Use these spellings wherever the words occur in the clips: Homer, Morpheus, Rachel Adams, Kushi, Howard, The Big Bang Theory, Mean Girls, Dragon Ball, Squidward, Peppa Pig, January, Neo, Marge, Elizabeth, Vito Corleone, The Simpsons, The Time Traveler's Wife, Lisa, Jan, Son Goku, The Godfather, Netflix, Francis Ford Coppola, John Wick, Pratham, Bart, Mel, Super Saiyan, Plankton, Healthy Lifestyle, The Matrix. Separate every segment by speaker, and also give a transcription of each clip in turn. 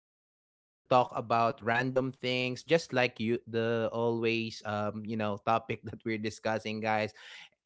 Speaker 1: we are going to talk about random things, just like you, the always, topic that we're discussing, guys.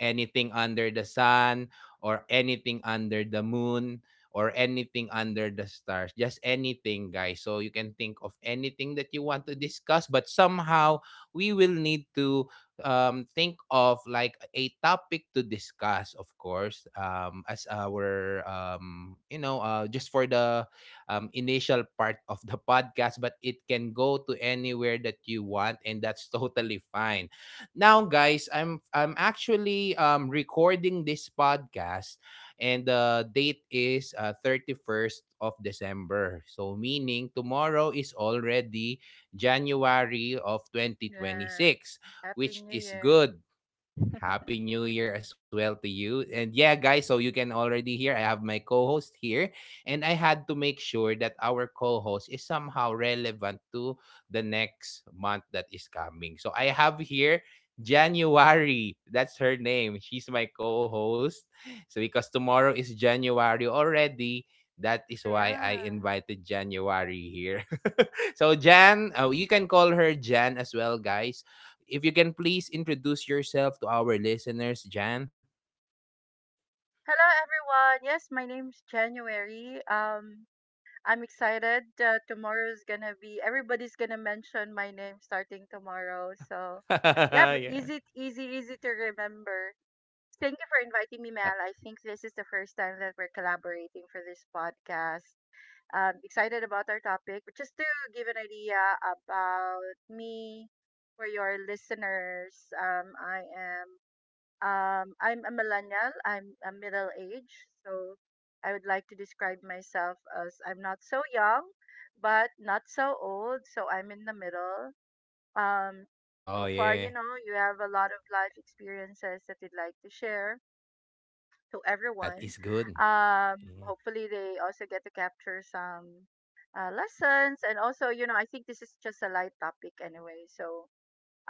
Speaker 1: Anything under the sun, or anything under the moon, or anything under the stars, just anything, guys, so you can think of anything that you want to discuss, but somehow we will need to think of like a topic to discuss, of course, as our just for the initial part of the podcast, but it can go to anywhere that you want, and that's totally fine. Now guys, I'm actually recording this podcast, and the date is 31st of December, so meaning tomorrow is already January of twenty twenty
Speaker 2: Yeah,
Speaker 1: six,
Speaker 2: Happy
Speaker 1: which
Speaker 2: New
Speaker 1: is
Speaker 2: Year.
Speaker 1: good. Happy New Year as well to you. And yeah, guys, so you can already hear I have my co host here. And I had to make sure that our co host is somehow relevant to the next month that is coming. So I have here January. That's her name. She's my co host. So because tomorrow is January already, that
Speaker 2: Oh
Speaker 1: is why
Speaker 2: yeah.
Speaker 1: I invited January here. So Jan, you can call her Jan as well, guys. If you can please introduce yourself to our listeners, Jan.
Speaker 2: Hello everyone. Yes, my name's January. I'm excited. Tomorrow's gonna be, everybody's gonna mention my name starting tomorrow. So yeah, but
Speaker 1: Yeah.
Speaker 2: easy to remember. Thank you for inviting me,
Speaker 1: Uh,
Speaker 2: Mel. I think this is the first time that we're collaborating for this podcast. Excited about our topic, but just to give an idea about me for your listeners, I'm a millennial. I'm a middle age, so I would like to describe myself as I'm not so young, but not so old. So I'm in the middle. Um,
Speaker 1: oh
Speaker 2: so far,
Speaker 1: yeah,
Speaker 2: you know, you have a lot of life experiences that you'd like to share to
Speaker 1: that
Speaker 2: everyone.
Speaker 1: is good. Yeah.
Speaker 2: Hopefully, they also get to capture some lessons. And also, I think this is just a light topic anyway. So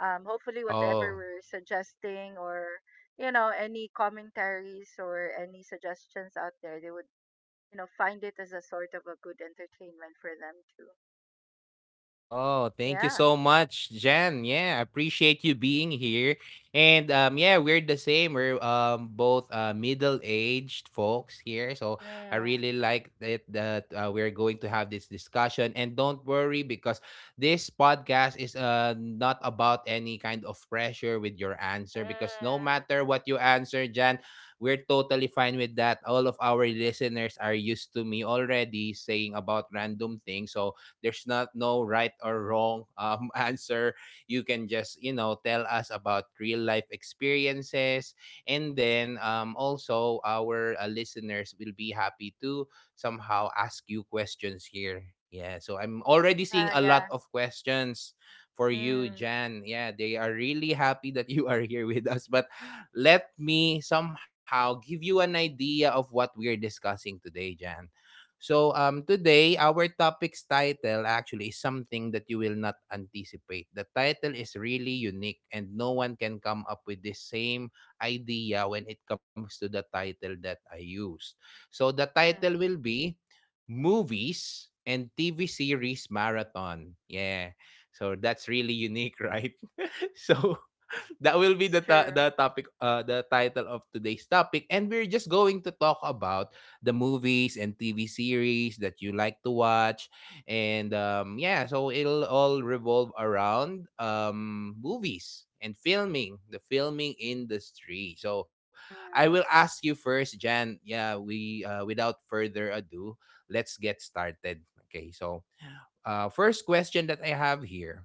Speaker 2: hopefully whatever
Speaker 1: Oh,
Speaker 2: we're suggesting, or any commentaries or any suggestions out there, they would find it as a sort of a good entertainment for them too.
Speaker 1: oh, thank you
Speaker 2: Yeah.
Speaker 1: so much, Jen. Yeah, I appreciate you being here. And yeah, we're the same. We're both middle-aged folks here, so I
Speaker 2: Mm.
Speaker 1: really like it that we're going to have this discussion. And don't worry, because this podcast is not about any kind of pressure with your answer, because no
Speaker 2: Mm.
Speaker 1: matter what you answer, Jen, we're totally fine with that. All of our listeners are used to me already saying about random things, so there's not no right or wrong answer. You can just, you know, tell us about real life experiences. And then also, our listeners will be happy to somehow ask you questions here. Yeah, so I'm already seeing
Speaker 2: Yeah,
Speaker 1: a
Speaker 2: yeah.
Speaker 1: lot of questions for you,
Speaker 2: Mm.
Speaker 1: Jan. Yeah, they are really happy that you are here with us. But let me somehow give you an idea of what we're discussing today, Jan. So today, our topic's title actually is something that you will not anticipate. The title is really unique, and no one can come up with the same idea when it comes to the title that I used. So the title
Speaker 2: Mm.
Speaker 1: will be Movies and TV Series Marathon. Yeah. So that's really unique, right? So that will be
Speaker 2: That's
Speaker 1: the
Speaker 2: true.
Speaker 1: the topic, the title of today's topic, and we're just going to talk about the movies and TV series that you like to watch, and yeah, so it'll all revolve around movies and filming industry. So I
Speaker 2: Mm.
Speaker 1: will ask you first, Jan. Yeah, we without further ado, let's get started. Okay, so first question that I have here: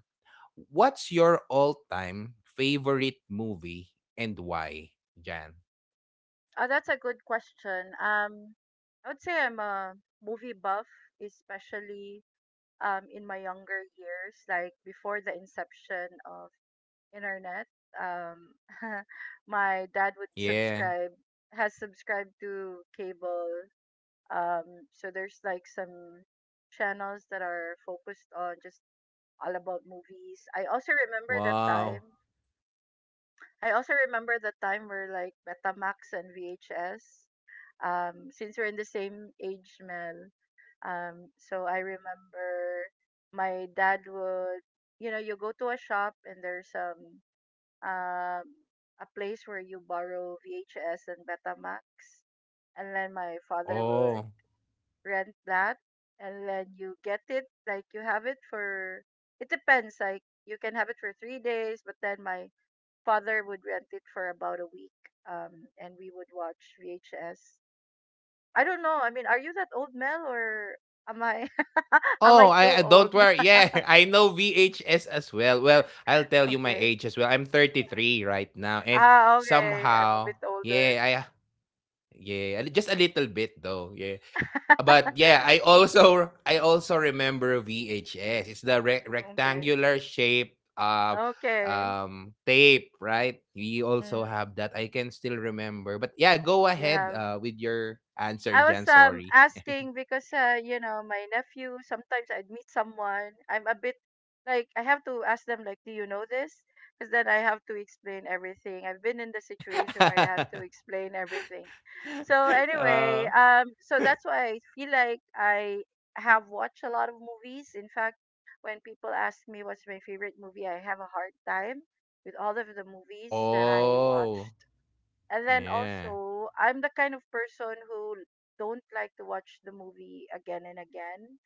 Speaker 1: what's your all-time favorite movie and why, Jan?
Speaker 2: Oh, that's a good question. I would say I'm a movie buff, especially in my younger years, like before the inception of internet. Um, my dad would
Speaker 1: Yeah.
Speaker 2: subscribe, has subscribed to cable. So there's like some channels that are focused on just all about movies. I also remember that time.
Speaker 1: Wow.
Speaker 2: I also remember the time where like Betamax and VHS. Since we're in the same age, Mel. So I remember my dad would, you know, you go to a shop and there's um, a place where you borrow VHS and Betamax, and then my father would
Speaker 1: Oh.
Speaker 2: rent that, and then you get it, like you have it for. It depends. Like you can have it for 3 days, but then my father would rent it for about a week, and we would watch VHS. I don't know. I mean, are you that old, Mel, or am I? Am
Speaker 1: Oh,
Speaker 2: I too
Speaker 1: I
Speaker 2: old?
Speaker 1: don't worry. Yeah, I know VHS as well. Well, I'll tell you my
Speaker 2: Okay.
Speaker 1: age as well. I'm 33 right now and
Speaker 2: Ah, okay. I'm a
Speaker 1: somehow,
Speaker 2: bit older.
Speaker 1: yeah, I yeah, a just a little bit though. Yeah. But yeah, I also remember VHS. It's the
Speaker 2: Okay.
Speaker 1: rectangular shape,
Speaker 2: Okay.
Speaker 1: tape, right? We
Speaker 2: Mm.
Speaker 1: also have that. I can still remember. But yeah, go
Speaker 2: You
Speaker 1: ahead
Speaker 2: have.
Speaker 1: with your answer,
Speaker 2: I
Speaker 1: Jan.
Speaker 2: was
Speaker 1: Sorry.
Speaker 2: asking because you know, my nephew, sometimes I'd meet someone, I'm a bit like I have to ask them, like, do you know this? Because then I have to explain everything. I've been in the situation where I have to explain everything. So anyway,
Speaker 1: Uh,
Speaker 2: so that's why I feel like I have watched a lot of movies. In fact, when people ask me what's my favorite movie, I have a hard time with all of the movies that I
Speaker 1: oh,
Speaker 2: watched. And then
Speaker 1: yeah.
Speaker 2: also, I'm the kind of person who don't like to watch the movie again and again.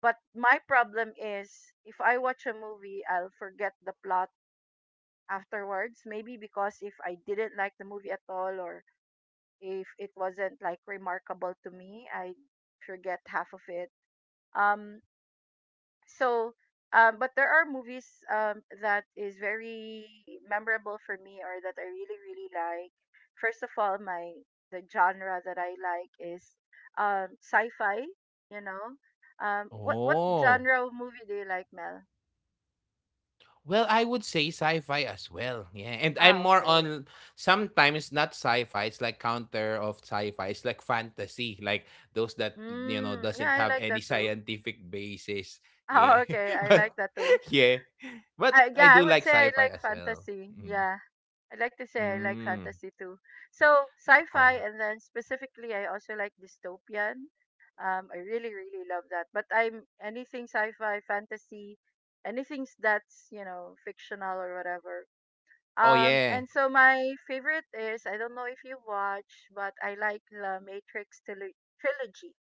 Speaker 2: But my problem is if I watch a movie, I'll forget the plot afterwards. Maybe because if I didn't like the movie at all, or if it wasn't like remarkable to me, I forget half of it. Um so but there are movies that is very memorable for me, or that I really really like. First of all, my the genre that I like is sci-fi, you know. What
Speaker 1: Oh,
Speaker 2: genre of movie do you like, Mel?
Speaker 1: well, I would say sci-fi as well. Yeah. And I'm
Speaker 2: Ah,
Speaker 1: more
Speaker 2: okay.
Speaker 1: on sometimes not sci-fi, it's like counter of sci-fi. It's like fantasy, like those that you know
Speaker 2: Mm, yeah,
Speaker 1: doesn't
Speaker 2: I
Speaker 1: have
Speaker 2: like that
Speaker 1: any
Speaker 2: too.
Speaker 1: scientific basis.
Speaker 2: Oh,
Speaker 1: Yeah.
Speaker 2: okay, I
Speaker 1: But
Speaker 2: like that too.
Speaker 1: yeah. But
Speaker 2: I
Speaker 1: I
Speaker 2: Yeah, I
Speaker 1: do
Speaker 2: would say
Speaker 1: like
Speaker 2: I
Speaker 1: sci-fi
Speaker 2: like
Speaker 1: as well.
Speaker 2: fantasy.
Speaker 1: Mm.
Speaker 2: Yeah. I'd like to say I like
Speaker 1: Mm.
Speaker 2: fantasy too. So sci-fi,
Speaker 1: Oh.
Speaker 2: and then specifically, I also like dystopian. I really, really love that. But I'm anything sci-fi, fantasy, anything that's fictional or whatever.
Speaker 1: Oh yeah.
Speaker 2: And so my favorite is, I don't know if you watch, but I like the Matrix trilogy.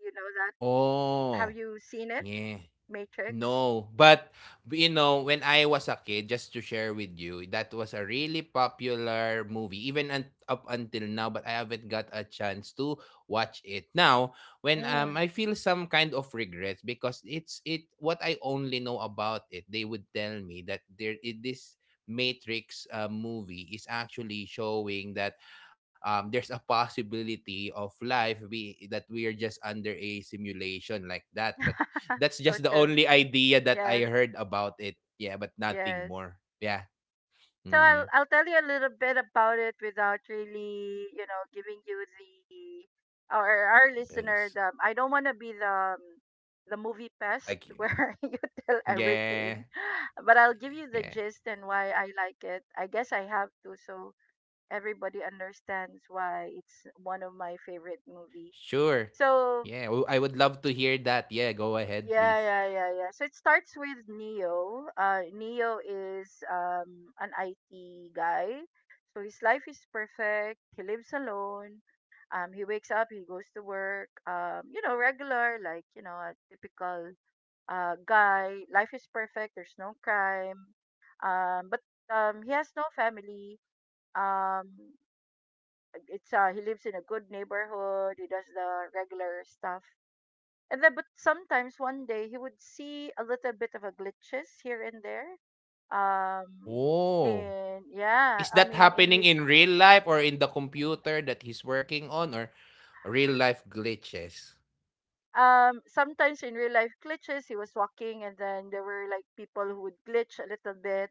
Speaker 2: You know that?
Speaker 1: Oh.
Speaker 2: Have you seen it,
Speaker 1: Yeah.
Speaker 2: Matrix?
Speaker 1: No, but you know, when I was a kid, just to share with you, that was a really popular movie, even up until now. But I haven't got a chance to watch it now. When
Speaker 2: Mm.
Speaker 1: I feel some kind of regrets because it's it what I only know about it. They would tell me that this Matrix movie is actually showing that there's a possibility of life that we are just under a simulation like that. But that's
Speaker 2: So
Speaker 1: just the
Speaker 2: true.
Speaker 1: only idea that I
Speaker 2: Yes.
Speaker 1: heard about it. Yeah, but nothing
Speaker 2: Yes.
Speaker 1: more. Yeah.
Speaker 2: So
Speaker 1: Mm-hmm.
Speaker 2: I'll tell you a little bit about it without really, giving you the, or our listener
Speaker 1: Yes.
Speaker 2: the, I don't want to be um, the movie pest
Speaker 1: Like,
Speaker 2: where you tell
Speaker 1: yeah,
Speaker 2: everything, but I'll give you the
Speaker 1: yeah,
Speaker 2: gist and why I like it. I guess I have to, so everybody understands why it's one of my favorite movie.
Speaker 1: sure.
Speaker 2: So
Speaker 1: Yeah, I would love to hear that. Yeah, go ahead,
Speaker 2: yeah,
Speaker 1: please.
Speaker 2: yeah, yeah, yeah. So it starts with Neo. Neo is an IT guy. So his life is perfect. He lives alone. He wakes up, he goes to work. You know, regular, like, a typical guy. Life is perfect. There's no crime. But He has no family. Um, it's He lives in a good neighborhood. He does the regular stuff, and then, but sometimes one day he would see a little bit of a glitches here and there. Um,
Speaker 1: Oh,
Speaker 2: in yeah,
Speaker 1: is
Speaker 2: I
Speaker 1: that
Speaker 2: mean, in
Speaker 1: happening
Speaker 2: his
Speaker 1: in real life or in the computer that he's working on or real life glitches?
Speaker 2: Sometimes in real life glitches, he was walking and then there were like people who would glitch a little bit.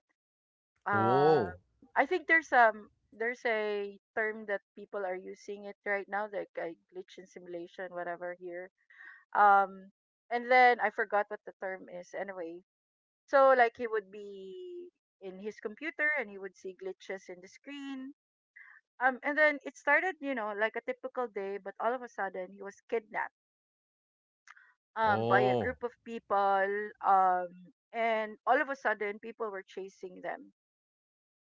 Speaker 2: Uh,
Speaker 1: Oh,
Speaker 2: I think there's a term that people are using it right now, like a glitch in simulation, whatever here. Um, and then I forgot what the term is. Anyway, so like he would be in his computer and he would see glitches in the screen. And then it started, like a typical day, but all of a sudden he was kidnapped by a
Speaker 1: oh,
Speaker 2: group of people. Um, and all of a sudden people were chasing them,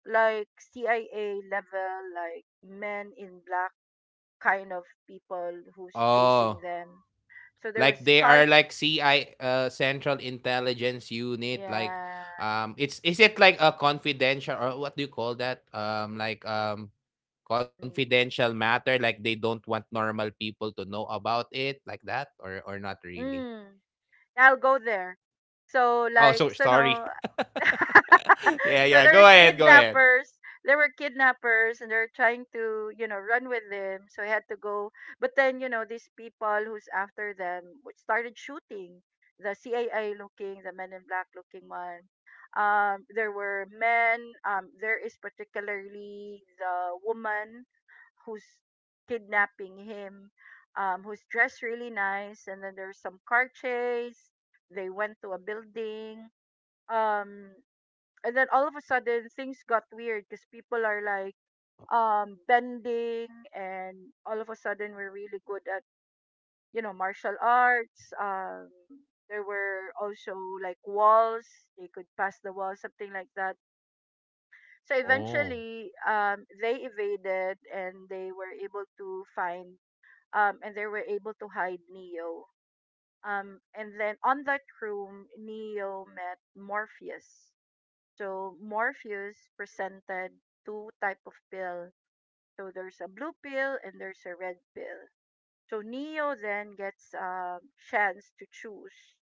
Speaker 2: like CIA level, like men in black kind of people who's chasing
Speaker 1: oh.
Speaker 2: them. So there was
Speaker 1: Like they are
Speaker 2: cart,
Speaker 1: like CI Central Intelligence Unit like
Speaker 2: yeah.
Speaker 1: it's is it like a confidential or what do you call that? Like
Speaker 2: Mm.
Speaker 1: confidential matter, like they don't want normal people to know about it like that, or not really.
Speaker 2: Mm. I'll go there. So
Speaker 1: Oh,
Speaker 2: like,
Speaker 1: so
Speaker 2: so no,
Speaker 1: sorry. Yeah,
Speaker 2: so
Speaker 1: yeah,
Speaker 2: there's
Speaker 1: go ahead, go ahead.
Speaker 2: kidnappers. There were kidnappers, and they're trying to, run with them. So he had to go. But then, these people who's after them would started shooting. The CAI looking, the Men in Black looking one. There were men. There is particularly the woman who's kidnapping him, who's dressed really nice. And then there's some car chase. They went to a building. Um, and then all of a sudden things got weird because people are like bending, and all of a sudden we're really good at, martial arts. There were also like walls, they could pass the wall, something like that. So
Speaker 1: Oh,
Speaker 2: eventually they evaded and they were able to find and they were able to hide Neo, and then on that room Neo met Morpheus. So Morpheus presented two type of pill. So there's a blue pill and there's a red pill. So Neo then gets a chance to choose.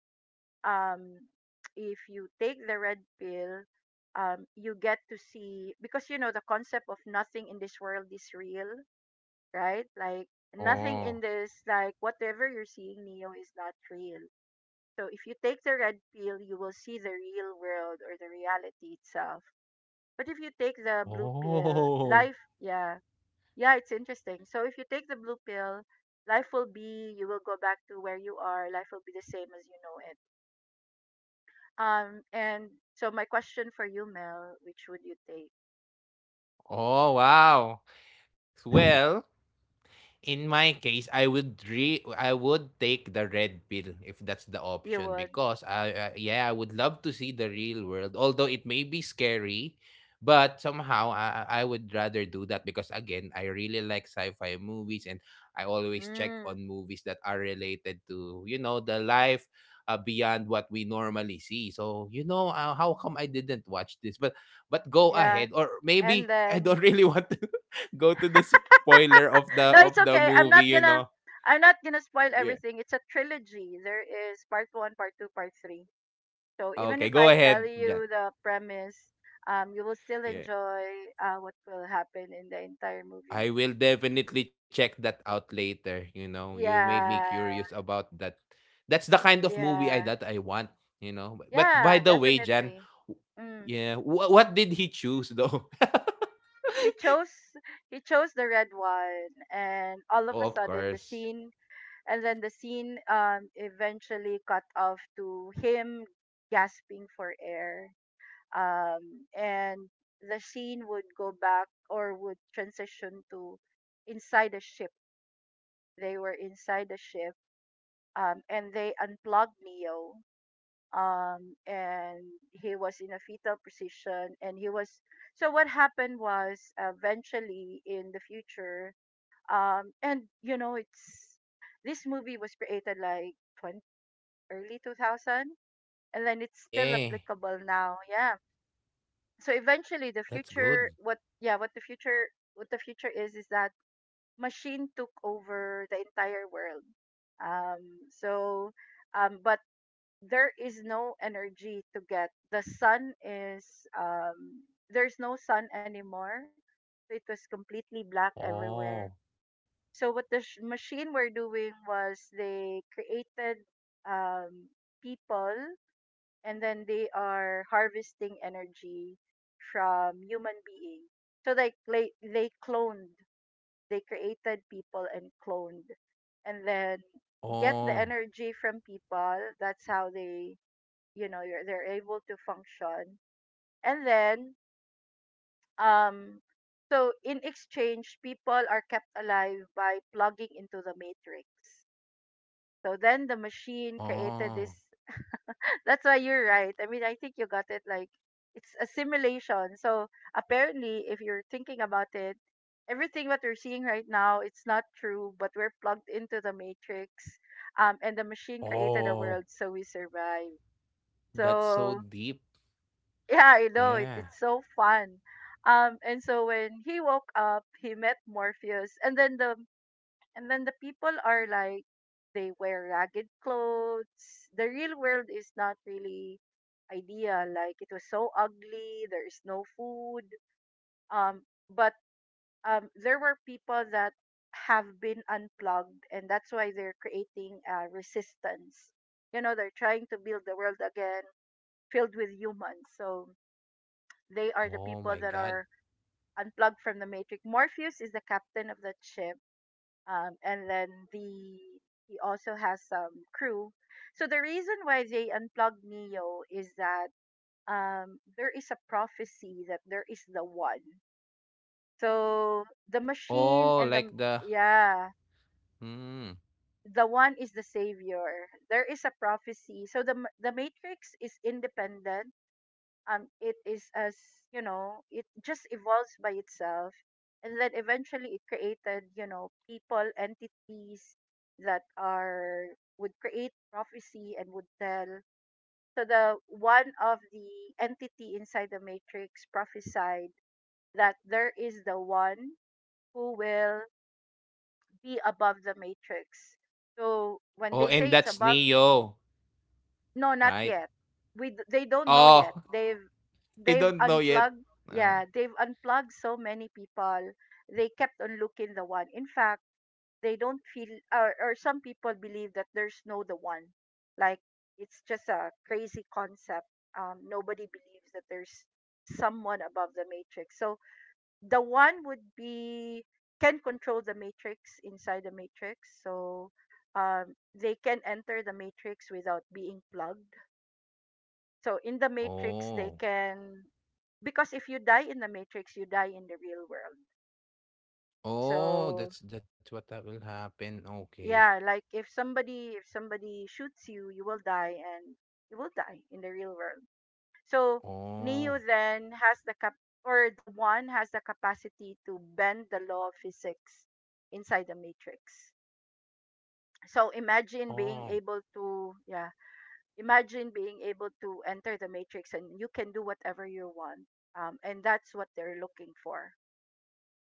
Speaker 2: Um, if you take the red pill, you get to see, because you know the concept of nothing in this world is real, right? Like nothing in
Speaker 1: oh,
Speaker 2: this, like whatever you're seeing, Neo is not real. So if you take the red pill, you will see the real world or the reality itself. But if you take the blue pill,
Speaker 1: oh,
Speaker 2: life, yeah, yeah, it's interesting. So if you take the blue pill, you will go back to where you are. Life will be the same as you know it. And so my question for you, Mel, which would you take?
Speaker 1: oh, wow. Well, in my case, I would take the red pill if that's the
Speaker 2: You
Speaker 1: option,
Speaker 2: would,
Speaker 1: because I yeah, I would love to see the real world, although it may be scary, but somehow I would rather do that, because again, I really like sci-fi movies, and I always check on
Speaker 2: mm,
Speaker 1: movies that are related to, you know, the life beyond what we normally see. So, you know, how come I didn't watch this? But go
Speaker 2: yeah.
Speaker 1: ahead, or
Speaker 2: And
Speaker 1: maybe I
Speaker 2: then,
Speaker 1: don't really want to go to the spoiler of the
Speaker 2: no,
Speaker 1: of
Speaker 2: it's
Speaker 1: the
Speaker 2: okay. I'm
Speaker 1: movie, you
Speaker 2: not
Speaker 1: know.
Speaker 2: gonna, I'm not gonna spoil
Speaker 1: Yeah.
Speaker 2: everything. It's a trilogy. There is part one, part two, part three. So even
Speaker 1: Okay,
Speaker 2: if
Speaker 1: go
Speaker 2: I tell
Speaker 1: ahead, Jan.
Speaker 2: you the premise, you will still
Speaker 1: Yeah.
Speaker 2: enjoy what will happen in the entire movie.
Speaker 1: I will definitely check that out later, you know. You made me
Speaker 2: Yeah,
Speaker 1: curious about that. That's the kind of movie I
Speaker 2: yeah,
Speaker 1: that I want, you know. But by
Speaker 2: yeah,
Speaker 1: the way, Jan,
Speaker 2: definitely.
Speaker 1: w-
Speaker 2: Mm.
Speaker 1: yeah, what did he choose though?
Speaker 2: He chose he chose the red one, and all of a
Speaker 1: Oh, of
Speaker 2: sudden the
Speaker 1: course.
Speaker 2: scene, and then the scene eventually cut off to him gasping for air. And the scene would go back or would transition to inside a ship. They were inside the ship, and they unplugged Neo. And he was in a fetal position, and he was. So what happened was, eventually in the future, and you know, it's this movie was created like 20, early 2000, and then it's still
Speaker 1: Yeah.
Speaker 2: applicable now. Yeah. So eventually, the
Speaker 1: That's
Speaker 2: future,
Speaker 1: good.
Speaker 2: what, yeah, what the future is that machine took over the entire world. Um, so, but there is no energy to get. There's no sun anymore. So it was completely black everywhere.
Speaker 1: Oh.
Speaker 2: So what the machine were doing was they created um, people and then they are harvesting energy from human beings. So like they cloned, they created people and cloned, and then get the
Speaker 1: Oh.
Speaker 2: energy from people. That's how they, they're able to function, and then um so in exchange people are kept alive by plugging into the matrix. So then the machine created
Speaker 1: Oh.
Speaker 2: this. That's why you're right. I mean, I think you got it. Like, it's assimilation. So apparently, if you're thinking about it, everything what we're seeing right now, it's not true. But we're plugged into the matrix, and the machine created a
Speaker 1: Oh.
Speaker 2: world, so we survive.
Speaker 1: That's so
Speaker 2: So
Speaker 1: deep.
Speaker 2: yeah, I know it,
Speaker 1: Yeah.
Speaker 2: it's so fun. And so when he woke up, he met Morpheus, and then the people are like, they wear ragged clothes. The real world is not really ideal. Like, it was so ugly. There is no food. Um, but there were people that have been unplugged, and that's why they're creating a resistance. You know, they're trying to build the world again filled with humans. So they are the
Speaker 1: Oh
Speaker 2: people
Speaker 1: my
Speaker 2: that
Speaker 1: god.
Speaker 2: are unplugged from the matrix. Morpheus is the captain of that ship, and then the he also has some crew. So the reason why they unplugged Neo is that, there is a prophecy that there is the one. So the machine
Speaker 1: Oh,
Speaker 2: and
Speaker 1: like
Speaker 2: the
Speaker 1: the
Speaker 2: yeah,
Speaker 1: hmm.
Speaker 2: the one is the savior. There is a prophecy. So the Matrix is independent, it is as, you know, it just evolves by itself, and then eventually it created, you know, people entities that are would create prophecy and would tell. So the one of the entity inside the matrix prophesied that there is the one who will be above the matrix. So when
Speaker 1: Oh,
Speaker 2: they say
Speaker 1: and
Speaker 2: it's
Speaker 1: that's
Speaker 2: above.
Speaker 1: Neo,
Speaker 2: No, not
Speaker 1: right?
Speaker 2: yet. They don't know yet.
Speaker 1: Oh,
Speaker 2: They've
Speaker 1: I
Speaker 2: they've
Speaker 1: don't know yet.
Speaker 2: unplugged.
Speaker 1: No.
Speaker 2: Yeah, they've unplugged so many people. They kept on looking the one. In fact, they don't feel or some people believe that there's no the one. Like, it's just a crazy concept. Nobody believes that there's someone above the matrix. So the one would be can control the matrix inside the matrix. So, they can enter the matrix without being plugged. So in the Matrix, they
Speaker 1: Oh.
Speaker 2: can, because if you die in the Matrix, you die in the real world.
Speaker 1: Oh,
Speaker 2: So
Speaker 1: that's what that will happen. Okay.
Speaker 2: yeah, like if somebody shoots you, you will die, and you will die in the real world. So Neo
Speaker 1: Oh.
Speaker 2: then has the cap, or the one has the capacity to bend the law of physics inside the matrix. So imagine being
Speaker 1: Oh.
Speaker 2: able to, yeah, imagine being able to enter the matrix and you can do whatever you want, and that's what they're looking for.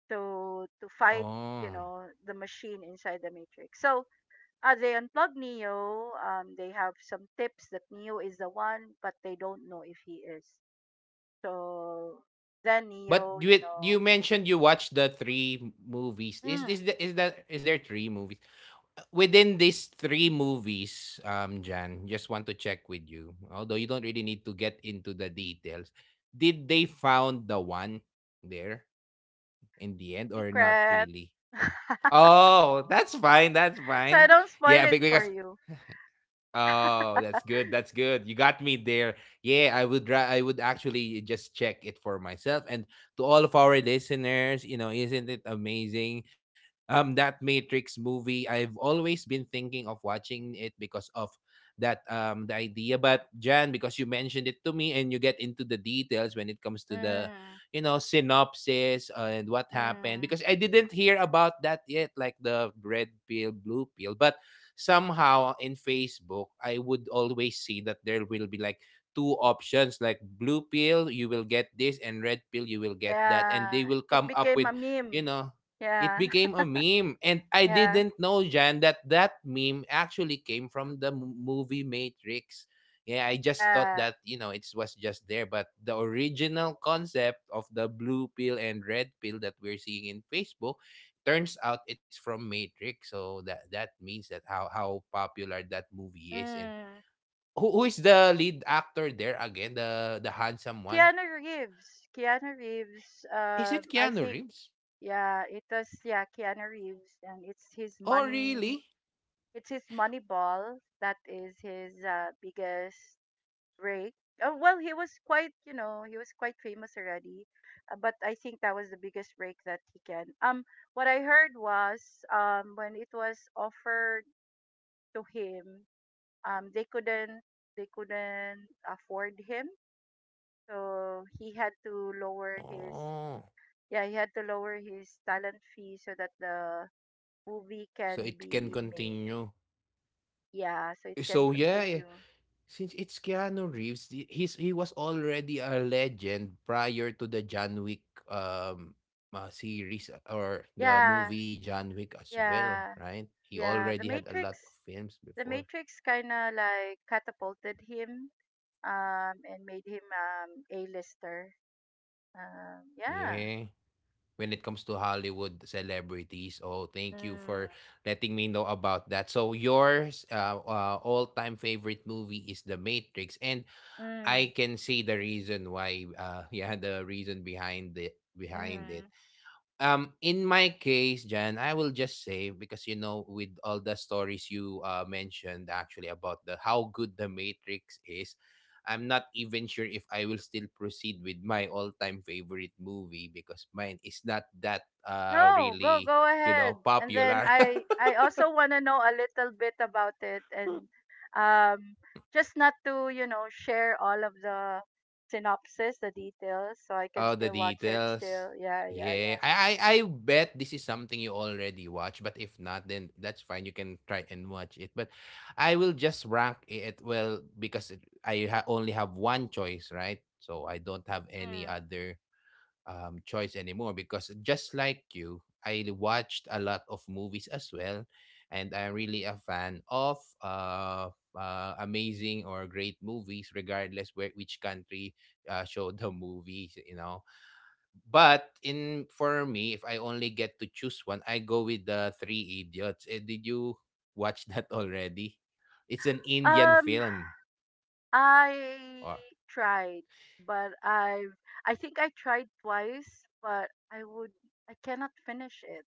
Speaker 2: So to fight, you
Speaker 1: Oh.
Speaker 2: know, the machine inside the matrix. So they unplug neo. They have some tips that neo is the one, but they don't know if he is. So then
Speaker 1: But
Speaker 2: neo,
Speaker 1: you
Speaker 2: you know,
Speaker 1: you mentioned you watched the three movies.
Speaker 2: mm,
Speaker 1: Is the, is that is there three movies within these three movies, Jan? Just want to check with you. Although you don't really need to get into the details, did they found the one there in the end or not
Speaker 2: secret,
Speaker 1: really? Oh, that's fine. That's
Speaker 2: so
Speaker 1: fine.
Speaker 2: I don't
Speaker 1: Yeah,
Speaker 2: spoil it for
Speaker 1: because
Speaker 2: you.
Speaker 1: oh, that's good. That's good. You got me there. Yeah, I would actually just check it for myself, and to all of our listeners, you know, isn't it amazing? That Matrix movie, I've always been thinking of watching it because of that the idea, but Jan, because you mentioned it to me and you get into the details when it comes to the
Speaker 2: Mm,
Speaker 1: you know synopsis and what happened,
Speaker 2: mm,
Speaker 1: because I didn't hear about that yet, like the red pill blue pill, but somehow in Facebook, I would always see that there will be like two options, like blue pill, you will get this, and red pill, you will get that. And
Speaker 2: yeah,
Speaker 1: they will
Speaker 2: it
Speaker 1: come up
Speaker 2: became
Speaker 1: with,
Speaker 2: a
Speaker 1: you
Speaker 2: meme.
Speaker 1: know, it
Speaker 2: Yeah.
Speaker 1: became a meme. And I
Speaker 2: Yeah.
Speaker 1: didn't know, Jan, that that meme actually came from the movie Matrix. Yeah, I just thought
Speaker 2: Yeah.
Speaker 1: that, you know, it was just there. But the original concept of the blue pill and red pill that we're seeing in Facebook turns out it's from Matrix. So that that means that how popular that movie is. And
Speaker 2: Mm.
Speaker 1: who is the lead actor there again? The handsome one.
Speaker 2: Keanu Reeves. Keanu Reeves.
Speaker 1: Is
Speaker 2: Um,
Speaker 1: it
Speaker 2: I
Speaker 1: Keanu
Speaker 2: think
Speaker 1: Reeves?
Speaker 2: yeah, it was yeah Keanu Reeves, and it's his
Speaker 1: Oh
Speaker 2: money.
Speaker 1: really?
Speaker 2: It's his money ball that is his biggest break. Oh well, he was quite, you know, he was quite famous already, but I think that was the biggest break that he can. What I heard was, when it was offered to him, they couldn't, they couldn't afford him. So he had to lower his,
Speaker 1: Oh,
Speaker 2: yeah, he had to lower his talent fee so that the movie
Speaker 1: so it
Speaker 2: can
Speaker 1: can
Speaker 2: be made.
Speaker 1: continue.
Speaker 2: Yeah, so it
Speaker 1: Eh,
Speaker 2: can
Speaker 1: so yeah, eh,
Speaker 2: continue.
Speaker 1: since it's Keanu Reeves, he was already a legend prior to the John Wick um series, or the
Speaker 2: Yeah,
Speaker 1: movie John Wick as well,
Speaker 2: yeah,
Speaker 1: right? He
Speaker 2: yeah.
Speaker 1: already
Speaker 2: The
Speaker 1: had a lot of
Speaker 2: Matrix
Speaker 1: films
Speaker 2: the
Speaker 1: before.
Speaker 2: Matrix kinda like catapulted him, and made him, A lister. Yeah.
Speaker 1: Yeah. When it comes to Hollywood celebrities, oh, thank you
Speaker 2: Mm.
Speaker 1: for letting me know about that. So yours, all-time favorite movie is The Matrix, and
Speaker 2: Mm.
Speaker 1: I can see the reason why. Yeah, the reason behind it. Behind it,
Speaker 2: Mm.
Speaker 1: in my case, Jan, I will just say, because you know, with all the stories you mentioned actually about the how good the Matrix is, I'm not even sure if I will still proceed with my all-time favorite movie, because mine is not that
Speaker 2: No, go
Speaker 1: really,
Speaker 2: go
Speaker 1: you know,
Speaker 2: ahead. And then
Speaker 1: popular.
Speaker 2: I also want to know a little bit about it, and, um just not to, you know, share all of the synopsis, the details, so I can
Speaker 1: Oh, the
Speaker 2: still watch it
Speaker 1: details.
Speaker 2: still. Yeah, yeah,
Speaker 1: Yeah. I bet this is something you already watch, but if not, then that's fine. You can try and watch it. But I will just rank it, well, because it, only have one choice, right? So I don't have
Speaker 2: yeah.
Speaker 1: any
Speaker 2: Mm.
Speaker 1: other choice anymore because, just like you, I watched a lot of movies as well, and I'm really a fan of amazing or great movies regardless where which country show the movies, but in for me, if I only get to choose one, I go with the Three Idiots. Eh, did you watch that already? It's an Indian
Speaker 2: Um
Speaker 1: film.
Speaker 2: I
Speaker 1: Or
Speaker 2: tried, but I've, I think I tried twice, but I would, I cannot finish it.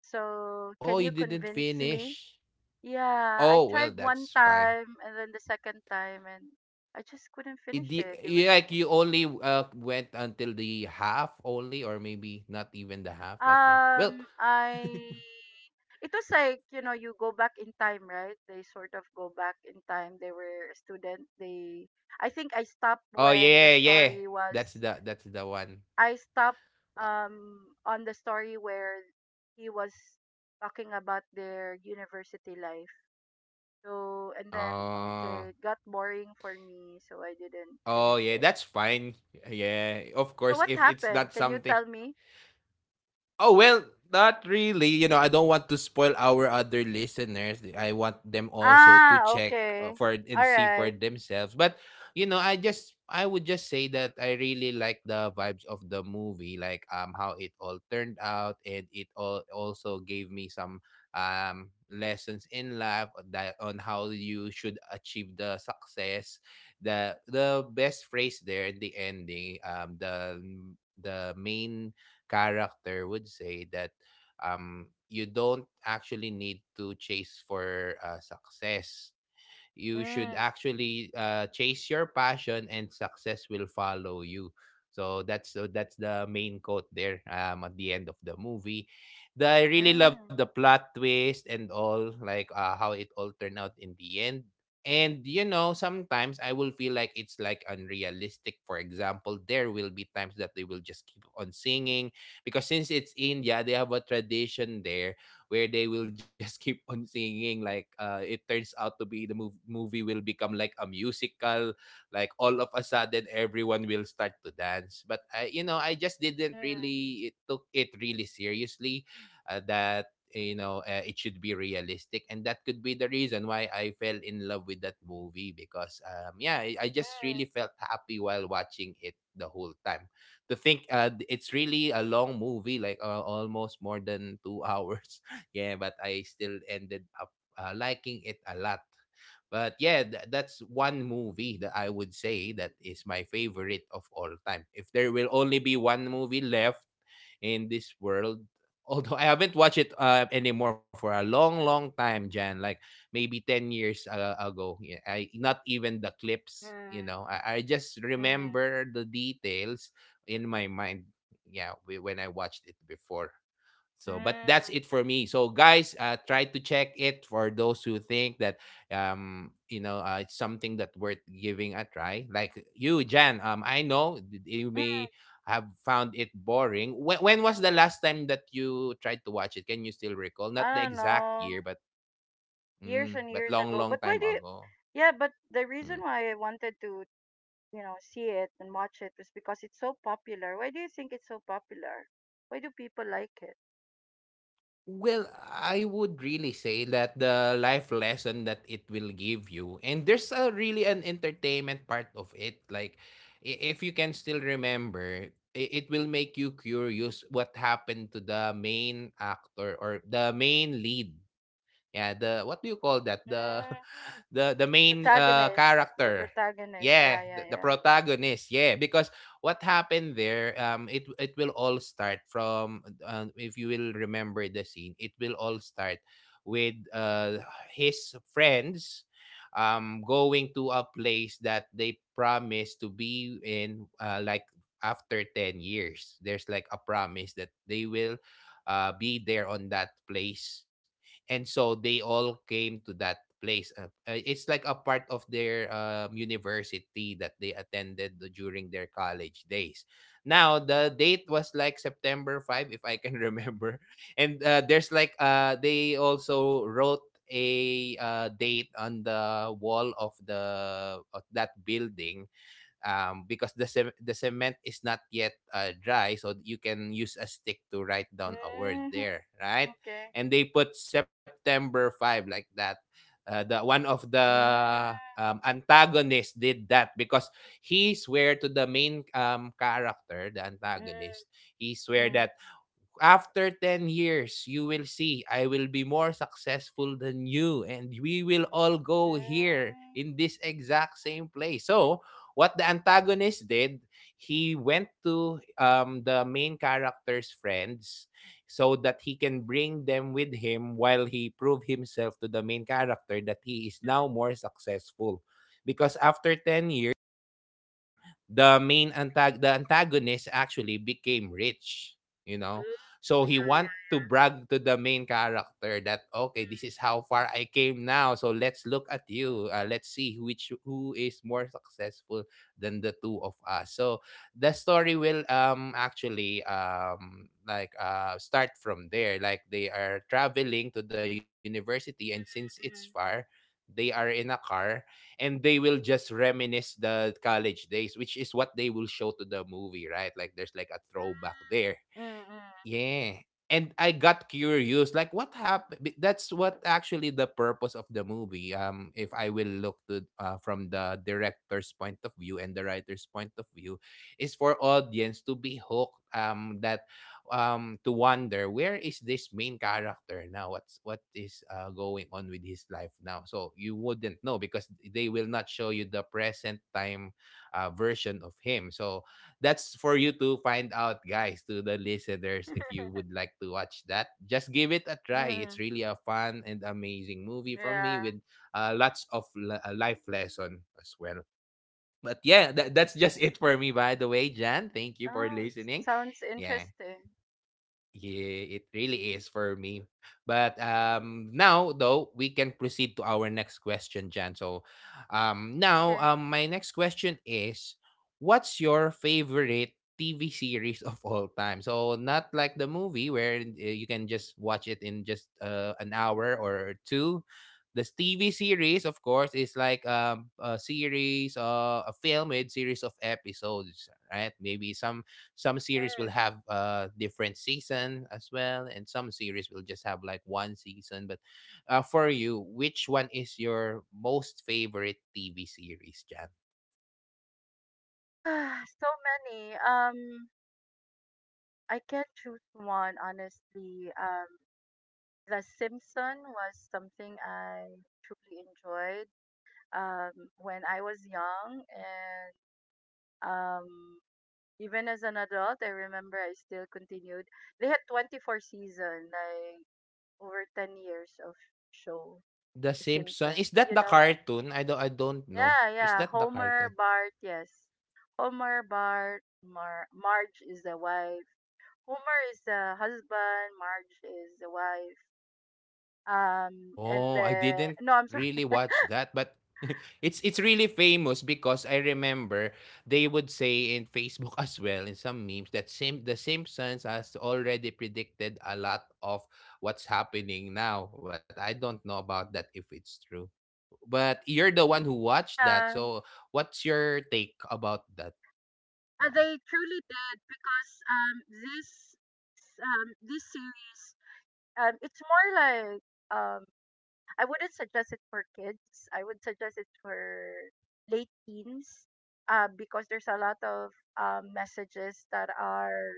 Speaker 2: So, can
Speaker 1: oh,
Speaker 2: you
Speaker 1: you didn't
Speaker 2: convince me?
Speaker 1: finish.
Speaker 2: Yeah, I
Speaker 1: Oh well,
Speaker 2: tried one
Speaker 1: that's fine.
Speaker 2: time and then the second time, and I just couldn't
Speaker 1: It,
Speaker 2: finish
Speaker 1: di-
Speaker 2: it. It
Speaker 1: you
Speaker 2: was,
Speaker 1: like you only went until the half only, or maybe not even the half like that.
Speaker 2: um
Speaker 1: Well,
Speaker 2: I it was like, you know, you go back in time, right? They sort of go back in time. They were a student. They, I think I stopped
Speaker 1: oh
Speaker 2: when the
Speaker 1: yeah, yeah,
Speaker 2: story was,
Speaker 1: that's the one.
Speaker 2: I stopped on the story where he was talking about their university life. So and then okay,
Speaker 1: Oh,
Speaker 2: it got boring for me, so I didn't
Speaker 1: oh
Speaker 2: finish
Speaker 1: yeah,
Speaker 2: it.
Speaker 1: that's fine. Yeah, of
Speaker 2: So
Speaker 1: course,
Speaker 2: what
Speaker 1: if it's not
Speaker 2: happened? Can you
Speaker 1: something.
Speaker 2: tell me?
Speaker 1: Oh well, not really. You know, I don't want to spoil our other listeners. I want
Speaker 2: N-
Speaker 1: them also to
Speaker 2: Ah,
Speaker 1: check
Speaker 2: okay.
Speaker 1: for and
Speaker 2: All
Speaker 1: see for
Speaker 2: right.
Speaker 1: themselves. But you know, I would just say that I really like the vibes of the movie, like how it all turned out, and it all also gave me some lessons in life that on how you should achieve the success. The best phrase there in the ending, the main character would say that you don't actually need to chase for success. You should
Speaker 2: Mm,
Speaker 1: actually chase your passion and success will follow you. So that's, so that's the main quote there at the end of the movie. I really love the
Speaker 2: mm,
Speaker 1: plot twist and all, like how it all turned out in the end. And you know, sometimes I will feel like it's like unrealistic. For example, there will be times that they will just keep on singing because since it's India, they have a tradition there where they will just keep on singing, like it turns out to be the movie will become like a musical, like all of a sudden everyone will start to dance. But you know, I just didn't
Speaker 2: mm,
Speaker 1: really, it took it really seriously. That, you know, it should be realistic, and that could be the reason why I fell in love with that movie, because yeah, I
Speaker 2: mm,
Speaker 1: just really felt happy while watching it the whole time. To think it's really a long movie, like almost more than two hours. Yeah, but I still ended up liking it a lot. But yeah, that's one movie that I would say that is my favorite of all time. If there will only be one movie left in this world, although I haven't watched it anymore for a long, long time, Jan, like maybe 10 years ago. Yeah, I not even the clips, you
Speaker 2: mm,
Speaker 1: know. I just
Speaker 2: mm,
Speaker 1: remember the details in my mind. Yeah, when I watched it before. So, but that's
Speaker 2: mm,
Speaker 1: it for me. So, guys, try to check it for those who think that, you know, it's something that worth giving a try. Like you, Jan. I know you
Speaker 2: mm.
Speaker 1: may have found it boring. When was the last time that you tried to watch it? Can you still recall? Not
Speaker 2: I
Speaker 1: the
Speaker 2: don't
Speaker 1: exact
Speaker 2: know.
Speaker 1: year, but mm,
Speaker 2: Years and
Speaker 1: but
Speaker 2: years
Speaker 1: long,
Speaker 2: ago.
Speaker 1: long
Speaker 2: But why do
Speaker 1: time
Speaker 2: you?
Speaker 1: ago.
Speaker 2: Yeah, but the reason
Speaker 1: Hmm.
Speaker 2: why I wanted to, you know, see it and watch it was because it's so popular. Why do you think it's so popular? Why do people like it?
Speaker 1: Well, I would really say that the life lesson that it will give you, and there's a really an entertainment part of it. Like, if you can still remember, it will make you curious what happened to the main actor or the main lead. Yeah, the what do you call that? The
Speaker 2: Mm,
Speaker 1: the main
Speaker 2: protagonist. The
Speaker 1: character.
Speaker 2: protagonist.
Speaker 1: Yeah,
Speaker 2: Yeah, yeah,
Speaker 1: the
Speaker 2: yeah.
Speaker 1: protagonist. Yeah, because what happened there, um, it will all start from if you will remember the scene. It will all start with his friends going to a place that they promise to be in, like after 10 years. There's like a promise that they will be there on that place. And so they all came to that place. It's like a part of their um university that they attended during their college days. Now, the date was like September 5, if I can remember. And there's like, they also wrote a date on the wall of the of that building, because the cement is not yet dry, so you can use a stick to write down a word
Speaker 2: Mm-hmm.
Speaker 1: there, right?
Speaker 2: Okay.
Speaker 1: And they put September 5 like that. The one of the
Speaker 2: Mm,
Speaker 1: um antagonists did that because he swear to the main um character, the
Speaker 2: mm,
Speaker 1: antagonist. He swear
Speaker 2: Mm.
Speaker 1: that after 10 years, you will see I will be more successful than you, and we will all go here
Speaker 2: Mm.
Speaker 1: in this exact same place. So, what the antagonist did, he went to um the main character's friends so that he can bring them with him while he prove himself to the main character that he is now more successful. Because after 10 years, the antagonist actually became rich, you know.
Speaker 2: Oh,
Speaker 1: So he want
Speaker 2: yeah,
Speaker 1: to brag to the main character that okay, this is how far I came now, so let's look at you. Let's see which who is more successful than the two of us. So the story will, um, actually like start from there, like they are traveling to the university, and since it's far, they are in a car, and they will just reminisce the college days, which is what they will show to the movie, right? Like there's like a throwback there.
Speaker 2: yeah. Mm. Mm.
Speaker 1: Yeah. And I got curious, like what happened? That's what actually the purpose of the movie. If I will look to from the director's point of view and the writer's point of view, is for audience to be hooked. That to wonder, where is this main character now? What is going on with his life now? So you wouldn't know because they will not show you the present time version of him. So that's for you to find out, guys, to the listeners,
Speaker 2: Mm.
Speaker 1: if you would like to watch that. Just give it a try. It's
Speaker 2: Mm.
Speaker 1: really a fun and amazing movie from me with
Speaker 2: Yeah.
Speaker 1: lots of life lesson as well. But yeah, that's just it for me, by the way, Jan. Thank you for
Speaker 2: Oh, it
Speaker 1: listening.
Speaker 2: sounds
Speaker 1: Yeah.
Speaker 2: interesting.
Speaker 1: Yeah, it really is for me. But now though, we can proceed to our next question, Jan. So, now
Speaker 2: Okay.
Speaker 1: my next question is, what's your favorite TV series of all time? So not like the movie where you can just watch it in just an hour or two. This TV series, of course, is like, a series, a film with series of episodes, right? Maybe some series will
Speaker 2: Mm.
Speaker 1: have different season as well, and some series will just have like one season. But for you, which one is your most favorite TV series, Jan?
Speaker 2: So many. I can't choose one, honestly. The Simpson was something I truly enjoyed when I was young, and, um, even as an adult, I remember I still continued. They had 24 season, like over 10 years of show.
Speaker 1: The
Speaker 2: The
Speaker 1: Simpsons, is
Speaker 2: Simpsons.
Speaker 1: that
Speaker 2: You
Speaker 1: the
Speaker 2: know?
Speaker 1: cartoon? I don't know,
Speaker 2: Yeah,
Speaker 1: is
Speaker 2: yeah.
Speaker 1: that the
Speaker 2: Homer,
Speaker 1: cartoon?
Speaker 2: Bart, yes. Homer, Bart, Marge is the wife. Homer is the husband, Marge is the wife.
Speaker 1: Oh, I
Speaker 2: And
Speaker 1: didn't
Speaker 2: the
Speaker 1: really
Speaker 2: No, I'm sorry.
Speaker 1: watch that, but it's really famous because I remember they would say in Facebook as well in some memes that the Simpsons has already predicted a lot of what's happening now, but I don't know about that if it's true. But you're the one who watched that,
Speaker 2: Yeah,
Speaker 1: so what's your take about that? Yeah.
Speaker 2: they truly did because, this series, it's more like, um, I wouldn't suggest it for kids. I would suggest it for late teens, because there's a lot of, messages that are,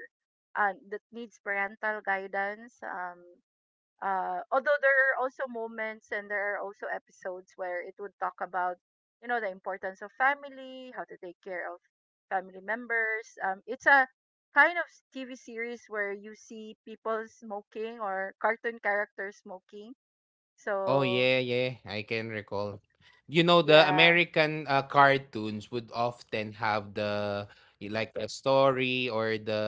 Speaker 2: that needs parental guidance. Although there are also moments and there are also episodes where it would talk about, you know, the importance of family, how to take care of family members. It's a kind of TV series where you see people smoking or cartoon characters smoking.
Speaker 1: Oh yeah,
Speaker 2: So
Speaker 1: yeah, I can recall. You know, the
Speaker 2: yeah.
Speaker 1: American cartoons would often have the like a story, or the,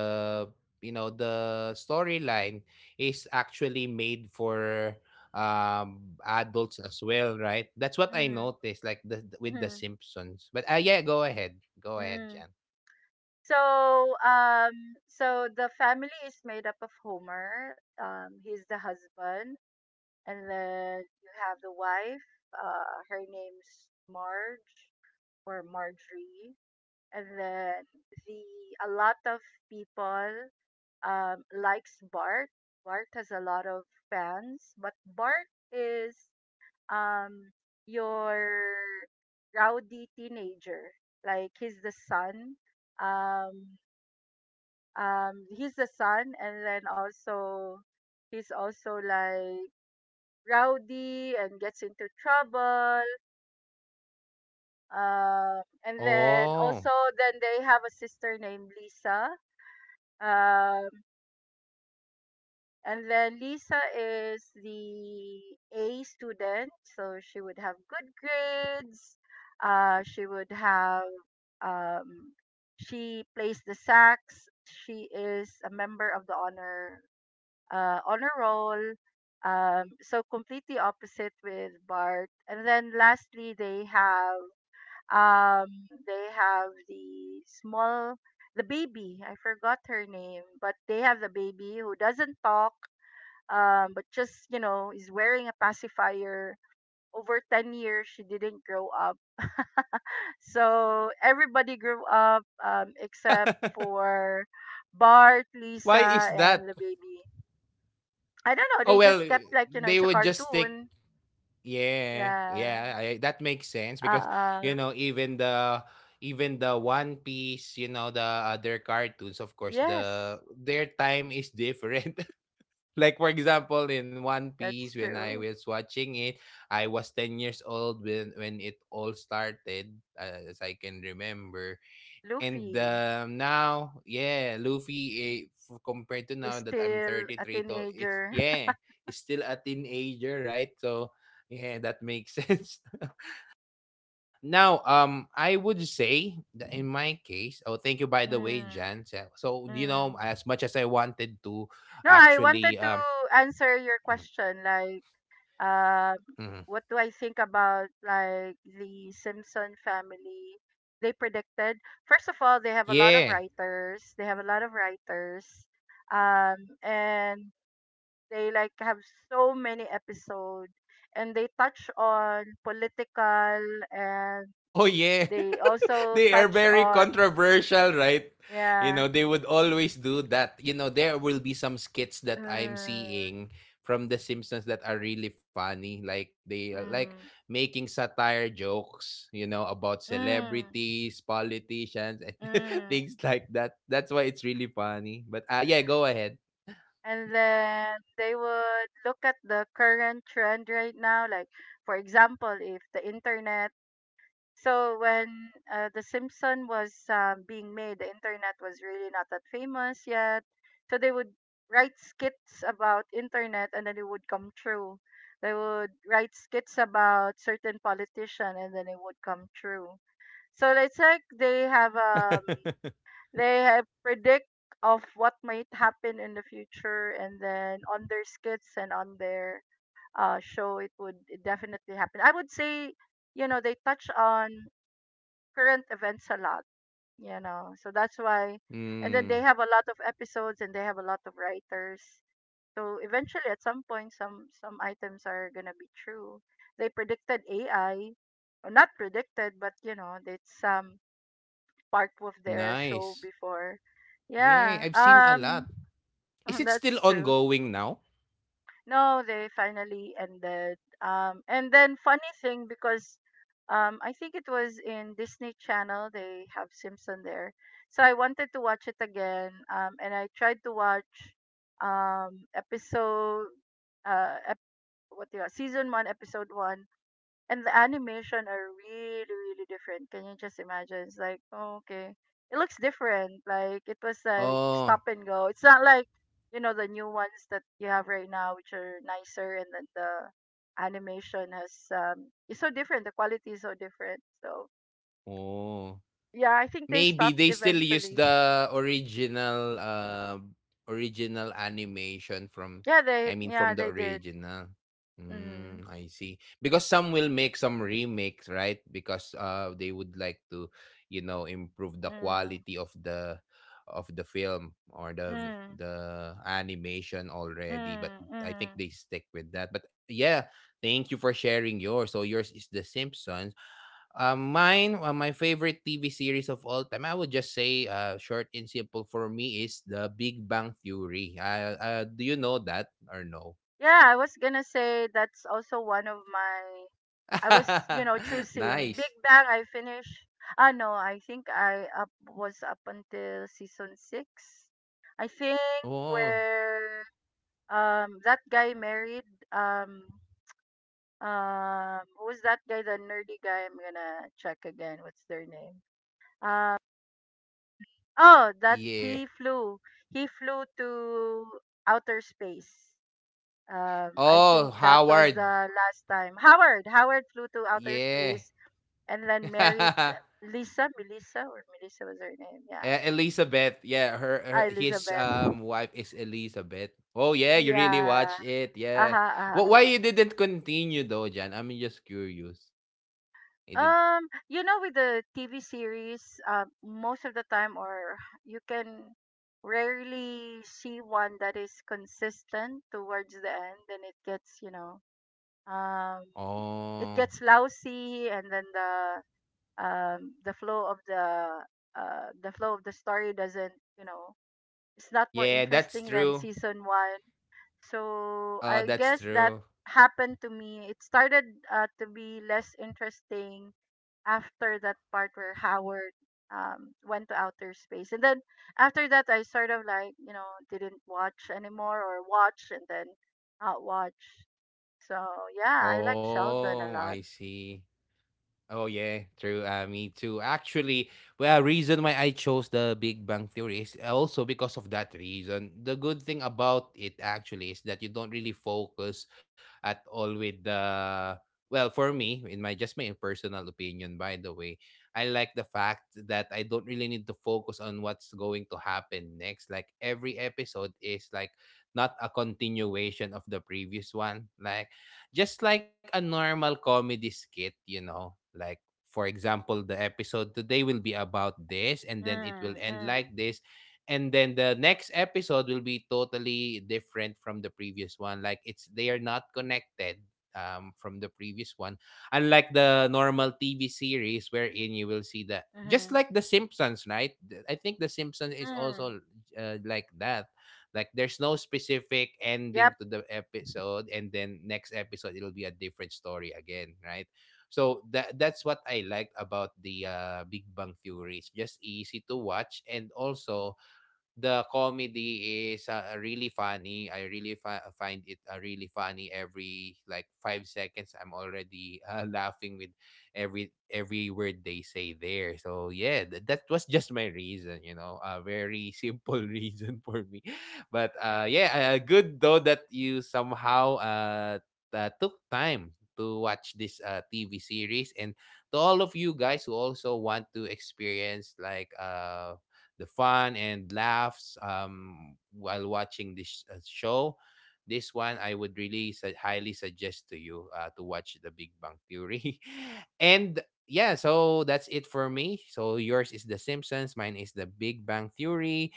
Speaker 1: you know, the storyline is actually made for adults as well, right? That's what I
Speaker 2: Mm-hmm.
Speaker 1: noticed, like with the
Speaker 2: Mm-hmm.
Speaker 1: Simpsons. But yeah, go ahead. Go ahead,
Speaker 2: Mm.
Speaker 1: Jan.
Speaker 2: So, so the family is made up of Homer. He's the husband, and then you have the wife. Her name's Marge or Marjorie, and then the a lot of people likes Bart. Bart has a lot of fans, but Bart is, um your rowdy teenager, like he's the son, um he's the son, and then also he's also like rowdy and gets into trouble, and then also,
Speaker 1: Oh.
Speaker 2: then they have a sister named Lisa, um and then Lisa is the A student, so she would have good grades, she would have, Um, she plays the sax. She is a member of the honor roll. So completely opposite with Bart. And then lastly, they have, they have the small, the baby. I forgot her name, but they have the baby who doesn't talk, but just, you know, is wearing a pacifier. Over 10 years, she didn't grow up, so everybody grew up, except for Bart,
Speaker 1: Why is
Speaker 2: Lisa, and
Speaker 1: that?
Speaker 2: the baby. I don't know.
Speaker 1: Oh
Speaker 2: They
Speaker 1: well,
Speaker 2: just kept like, you know,
Speaker 1: they
Speaker 2: it's a
Speaker 1: would just stick.
Speaker 2: cartoon.
Speaker 1: Yeah, yeah,
Speaker 2: Yeah.
Speaker 1: that makes sense
Speaker 2: Uh.
Speaker 1: because,
Speaker 2: uh
Speaker 1: you know, even the One Piece, you know, the other cartoons, of course,
Speaker 2: Yes,
Speaker 1: the their time is different. Like, for example, in One Piece,
Speaker 2: that's
Speaker 1: when I
Speaker 2: true.
Speaker 1: was watching it, I was 10 years old when it all started, as I can remember. And
Speaker 2: Luffy
Speaker 1: now, yeah, Luffy, compared to now
Speaker 2: is
Speaker 1: that I'm
Speaker 2: still
Speaker 1: thirty
Speaker 2: a
Speaker 1: three to it's
Speaker 2: teenager.
Speaker 1: yeah, it's still a teenager, right? So yeah, that makes sense. Now, I would say that in my case, oh, thank you by the way,
Speaker 2: Mm,
Speaker 1: Jan. So, so, you know,
Speaker 2: mm.
Speaker 1: as much as I wanted to
Speaker 2: No, I wanted
Speaker 1: actually,
Speaker 2: to answer your
Speaker 1: mhm,
Speaker 2: question. Like, um
Speaker 1: mhm.
Speaker 2: what do I think about like the Simpson family? They predicted, first of all, they have a lot of
Speaker 1: Yeah,
Speaker 2: writers. They have a lot of writers, um, and they like have so many episodes, and they touch on political, and
Speaker 1: oh yeah.
Speaker 2: they also
Speaker 1: They are
Speaker 2: touch
Speaker 1: very
Speaker 2: on,
Speaker 1: controversial, right? You
Speaker 2: yeah.
Speaker 1: know, they would always do that. You know, there will be some skits that I'm
Speaker 2: Mm,
Speaker 1: seeing from the Simpsons that are really funny. Like they like
Speaker 2: mm,
Speaker 1: making satire jokes, you know, about
Speaker 2: mm,
Speaker 1: celebrities, politicians, and
Speaker 2: mm.
Speaker 1: things like that. That's why it's really funny. But yeah, go ahead.
Speaker 2: And then they would look at the current trend right now. Like, for example, if the internet, so when the simpson was being made, the internet was really not that famous yet, so they would write skits about internet and then it would come true. They would write skits about certain politician and then it would come true. So it's like they have, um they have predict of what might happen in the future, and then on their skits and on their show it would definitely happen, I would say. You know, they touch on current events a lot, you know, so that's why, and then they
Speaker 1: Mm,
Speaker 2: have a lot of episodes and they have a lot of writers, so eventually at some point some items are going to be true. They predicted ai, or not predicted, but you know it's, part of their show
Speaker 1: nice.
Speaker 2: before.
Speaker 1: Yeah,
Speaker 2: Yeah,
Speaker 1: I've seen a lot. Is it still
Speaker 2: that's true.
Speaker 1: ongoing now?
Speaker 2: No, they finally ended. And then funny thing, because, I think it was in Disney Channel. They have Simpson there, so I wanted to watch it again. And I tried to watch, episode, ep- what do you season one, episode one, and the animation are really really different. Can you just imagine? It's like oh, okay, it looks different, like it was like
Speaker 1: Oh,
Speaker 2: stop and go. It's not like, you know, the new ones that you have right now which are nicer, and then the animation has, it's so different, the quality is so different. So
Speaker 1: oh.
Speaker 2: yeah, I think they
Speaker 1: Maybe
Speaker 2: stopped
Speaker 1: they still use
Speaker 2: eventually.
Speaker 1: the original, original animation from
Speaker 2: Yeah they
Speaker 1: I mean, from
Speaker 2: yeah
Speaker 1: the
Speaker 2: they did.
Speaker 1: original.
Speaker 2: Mm,
Speaker 1: Mm, I see. Because some will make some remakes, right? Because they would like to, you know, improve the
Speaker 2: mm,
Speaker 1: quality of the film or the
Speaker 2: mm,
Speaker 1: the animation already.
Speaker 2: mm,
Speaker 1: But I
Speaker 2: mm.
Speaker 1: think they stick with that. But yeah, thank you for sharing yours. So yours is The Simpsons. Mine, my favorite TV series of all time, I would just say, short and simple for me is The Big Bang Theory. Do you know that or no?
Speaker 2: Yeah, I was gonna say that's also one of my. I was, you know, choosing Big
Speaker 1: Nice.
Speaker 2: Bang. I finished. Ah, no, I think I up was up until season six. I think
Speaker 1: Oh,
Speaker 2: where that guy married, um who was that guy, the nerdy guy? I'm gonna check again. What's their name? Um oh, that
Speaker 1: yeah.
Speaker 2: he flew. He flew to outer space. I
Speaker 1: Oh,
Speaker 2: think that was
Speaker 1: Howard.
Speaker 2: the last time. Howard flew to outer
Speaker 1: Yeah.
Speaker 2: space and then married Lisa, Melissa, or Melissa was her name. Yeah,
Speaker 1: Elizabeth. Yeah, her
Speaker 2: ah,
Speaker 1: his
Speaker 2: Elizabeth.
Speaker 1: wife is Elizabeth. Oh yeah, you really
Speaker 2: Yeah.
Speaker 1: watched it. Yeah.
Speaker 2: Uh-huh, uh-huh.
Speaker 1: Why you didn't continue though, Jan? I'm just curious. It did.
Speaker 2: You know, with the TV series, most of the time, or you can rarely see one that is consistent towards the end, and um,
Speaker 1: Oh.
Speaker 2: it gets lousy, and then the flow of the flow of the story doesn't, you know, it's not more
Speaker 1: Yeah, that's
Speaker 2: interesting than
Speaker 1: true.
Speaker 2: season one. So I
Speaker 1: That's
Speaker 2: guess that
Speaker 1: true.
Speaker 2: happened to me. It started to be less interesting after that part where Howard went to outer space, and then after that I sort of like didn't watch anymore, or watch and then not watch. So yeah, I like
Speaker 1: Oh, I
Speaker 2: Sheldon a lot.
Speaker 1: see. Oh yeah, true. Me too. Actually, well, reason why I chose the Big Bang Theory is also because of that reason. The good thing about it actually is that you don't really focus at all with the well, for me, in my just my personal opinion, by the way, I like the fact that I don't really need to focus on what's going to happen next. Like every episode is like not a continuation of the previous one. Like just like a normal comedy skit, you know, like for example, the episode today will be about this and then it will
Speaker 2: Mm,
Speaker 1: end
Speaker 2: mm,
Speaker 1: like this. And then the next episode will be totally different from the previous one. Like it's they are not connected from the previous one. Unlike the normal TV series wherein you will see that just
Speaker 2: mm-hmm,
Speaker 1: like the Simpsons, right? I think the Simpsons is
Speaker 2: mm.
Speaker 1: also like that. Like there's no specific ending
Speaker 2: Yep.
Speaker 1: to the episode and then next episode it'll be a different story again, right? So that's what I liked about the Big Bang Theory. It's just easy to watch and also the comedy is really funny. I really find it really funny. Every like five seconds, I'm already laughing with every word they say there. So yeah, that was just my reason. You know, a very simple reason for me. But yeah, good though that you somehow took time to watch this TV series and to all of you guys who also want to experience like the fun and laughs while watching this show. This one I would really highly suggest to you to watch The Big Bang Theory. And yeah, so that's it for me. So yours is The Simpsons, mine is The Big Bang Theory.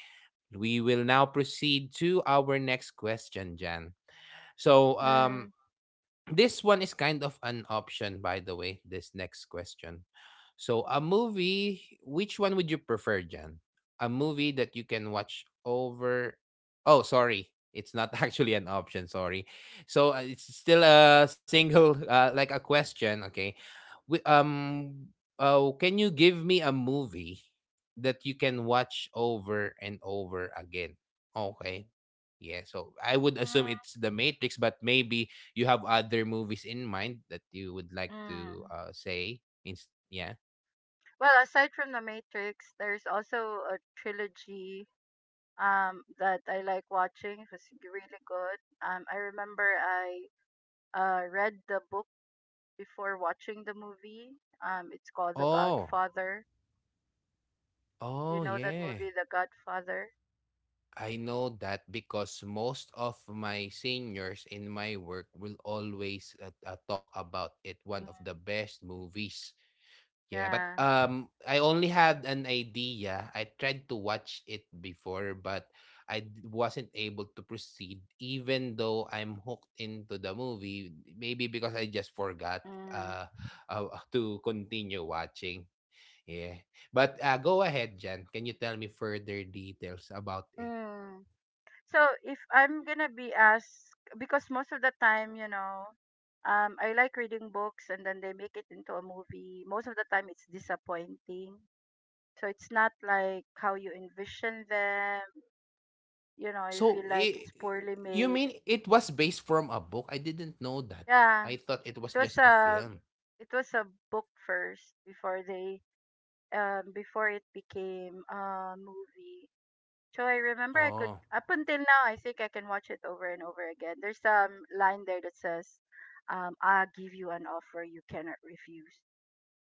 Speaker 1: We will now proceed to our next question, Jan. So
Speaker 2: Mm,
Speaker 1: this one is kind of an option, by the way, this next question. So, a movie, which one would you prefer, Jan? A movie that you can watch over. Oh, sorry. It's not actually an option. Sorry. So, it's still a single, like a question. Okay. Wi- Um, oh, can you give me a movie that you can watch over and over again? Okay. Yeah, so I would assume
Speaker 2: mm,
Speaker 1: it's The Matrix, but maybe you have other movies in mind that you would like to
Speaker 2: mm.
Speaker 1: say? Yeah.
Speaker 2: Well, aside from The Matrix, there's also a trilogy that I like watching. It was really good. I remember I read the book before watching the movie. It's called The
Speaker 1: Oh,
Speaker 2: Godfather. You
Speaker 1: oh,
Speaker 2: know that
Speaker 1: yeah.
Speaker 2: movie, The Godfather?
Speaker 1: I know that because most of my seniors in my work will always talk about it. One
Speaker 2: Mm.
Speaker 1: of the best movies. Yeah, but
Speaker 2: Yeah.
Speaker 1: I only had an idea. I tried to watch it before, but wasn't able to proceed even though I'm hooked into the movie, maybe because I just forgot
Speaker 2: Mm.
Speaker 1: uh, to continue watching. Yeah. But go ahead, Jan. Can you tell me further details about it?
Speaker 2: Mm. So if I'm gonna be asked, because most of the time, you know, I like reading books and then they make it into a movie. Most of the time, it's disappointing. So it's not like how you envision them. You know, you feel
Speaker 1: So,
Speaker 2: like
Speaker 1: I
Speaker 2: it's poorly
Speaker 1: You
Speaker 2: made.
Speaker 1: mean it was based from a book? I didn't know that.
Speaker 2: Yeah,
Speaker 1: I thought it was
Speaker 2: it
Speaker 1: just
Speaker 2: was
Speaker 1: a
Speaker 2: a
Speaker 1: film.
Speaker 2: it was a book first before they, before it became a movie. So I remember I could,
Speaker 1: Oh,
Speaker 2: up until now, I think I can watch it over and over again. There's some line there that says, "I'll give you an offer you cannot refuse."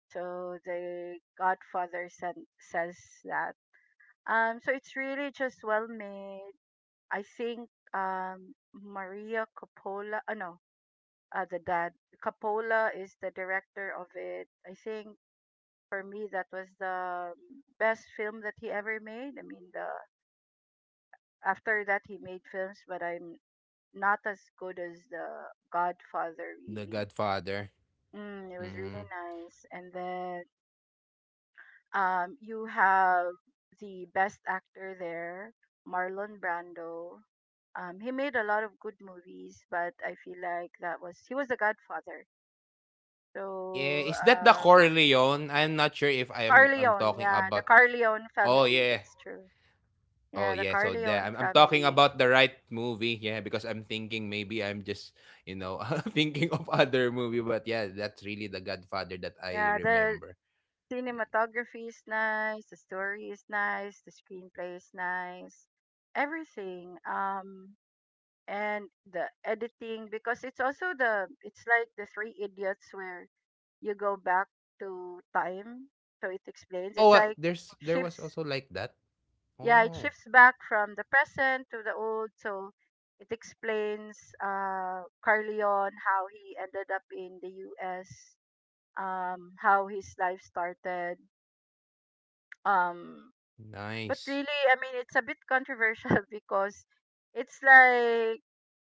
Speaker 2: So the Godfather says that. So it's really just well made. I think Maria Coppola. Oh no, the dad Coppola is the director of it. I think for me that was the best film that he ever made. I mean the after that he made films, but I'm not as good as the Godfather
Speaker 1: The
Speaker 2: really.
Speaker 1: Godfather.
Speaker 2: Mm, it was
Speaker 1: Mm.
Speaker 2: really nice. And then you have the best actor there, Marlon Brando. He made a lot of good movies, but I feel like that was he was the Godfather.
Speaker 1: Yeah,
Speaker 2: So,
Speaker 1: is that the Corleone? I'm not sure if I'm
Speaker 2: Carleone,
Speaker 1: talking
Speaker 2: yeah, the
Speaker 1: about.
Speaker 2: Carleone
Speaker 1: Oh
Speaker 2: family,
Speaker 1: yeah.
Speaker 2: that's true.
Speaker 1: Oh
Speaker 2: Yeah, the
Speaker 1: yeah, so that
Speaker 2: Carleone
Speaker 1: I'm talking
Speaker 2: family.
Speaker 1: about the right movie. Yeah, because I'm thinking maybe I'm just, you know, thinking of other movie, but yeah, that's really the Godfather that I
Speaker 2: Yeah, the
Speaker 1: remember. Mm.
Speaker 2: cinematography is nice, the story is nice, the screenplay is nice, everything. And the editing, because it's also the, it's like the Three Idiots where you go back to time, so it explains.
Speaker 1: Oh,
Speaker 2: It's like
Speaker 1: there's there was
Speaker 2: shifts,
Speaker 1: also like that.
Speaker 2: yeah, it
Speaker 1: Oh,
Speaker 2: shifts back from the present to the old, so it explains Carleon how he ended up in the U.S. How his life started, um but
Speaker 1: nice.
Speaker 2: really, I mean, it's a bit controversial because it's like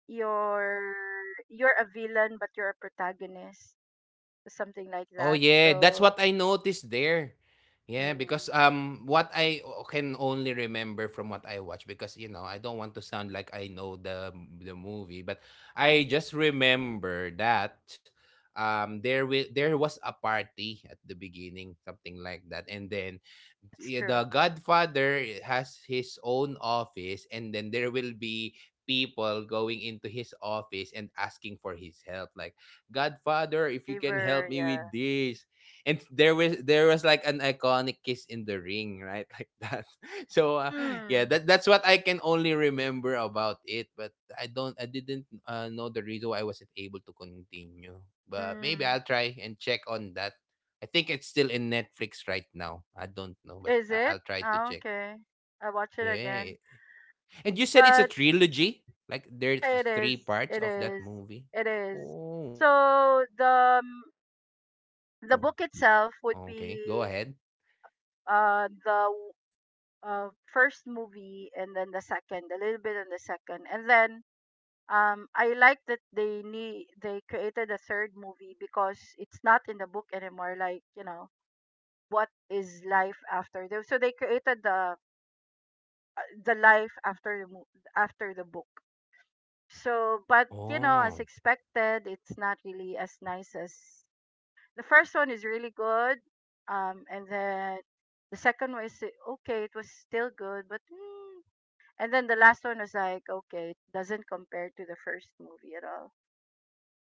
Speaker 2: you're you're a villain but you're a protagonist, something like
Speaker 1: Oh
Speaker 2: that.
Speaker 1: yeah, that's
Speaker 2: So,
Speaker 1: what I noticed there. Yeah,
Speaker 2: mm,
Speaker 1: because what can only remember from what I watch because you know, I don't want to sound like I know the movie, but I just remember that there will there was a party at the beginning, something like that. And then
Speaker 2: that's true.
Speaker 1: the Godfather has his own office, and then there will be people going into his office and asking for his help. Like, Godfather, if you can help
Speaker 2: Favor,
Speaker 1: me
Speaker 2: yeah.
Speaker 1: with this, and there was like an iconic kiss in the ring, right, like that. So yeah,
Speaker 2: Mm,
Speaker 1: that's what I can only remember about it. But I don't, I didn't know the reason why I wasn't able to continue. But maybe I'll
Speaker 2: mm.
Speaker 1: try and check on that. I think it's still in Netflix right now. I don't know, but
Speaker 2: Is it?
Speaker 1: I'll try to
Speaker 2: Oh,
Speaker 1: check.
Speaker 2: okay. I watch it
Speaker 1: Yeah.
Speaker 2: again.
Speaker 1: And you said it's a
Speaker 2: But
Speaker 1: trilogy? Like there's
Speaker 2: yeah, it
Speaker 1: just three
Speaker 2: is.
Speaker 1: parts
Speaker 2: It
Speaker 1: of that
Speaker 2: is.
Speaker 1: movie?
Speaker 2: It is.
Speaker 1: Oh,
Speaker 2: So the
Speaker 1: okay. Go ahead.
Speaker 2: the book itself would be the uh, first movie, and then the second, a little bit on the second, and then I like that they need they created a third movie because it's not in the book anymore. Like, you know, what is life after the, so they created the life after the book. So, but you know, as
Speaker 1: Oh.
Speaker 2: expected, it's not really as nice as, the first one is really good, and then the second one is, okay. It was still good, but mm, and then the last one was like, okay, it doesn't compare to the first movie at all.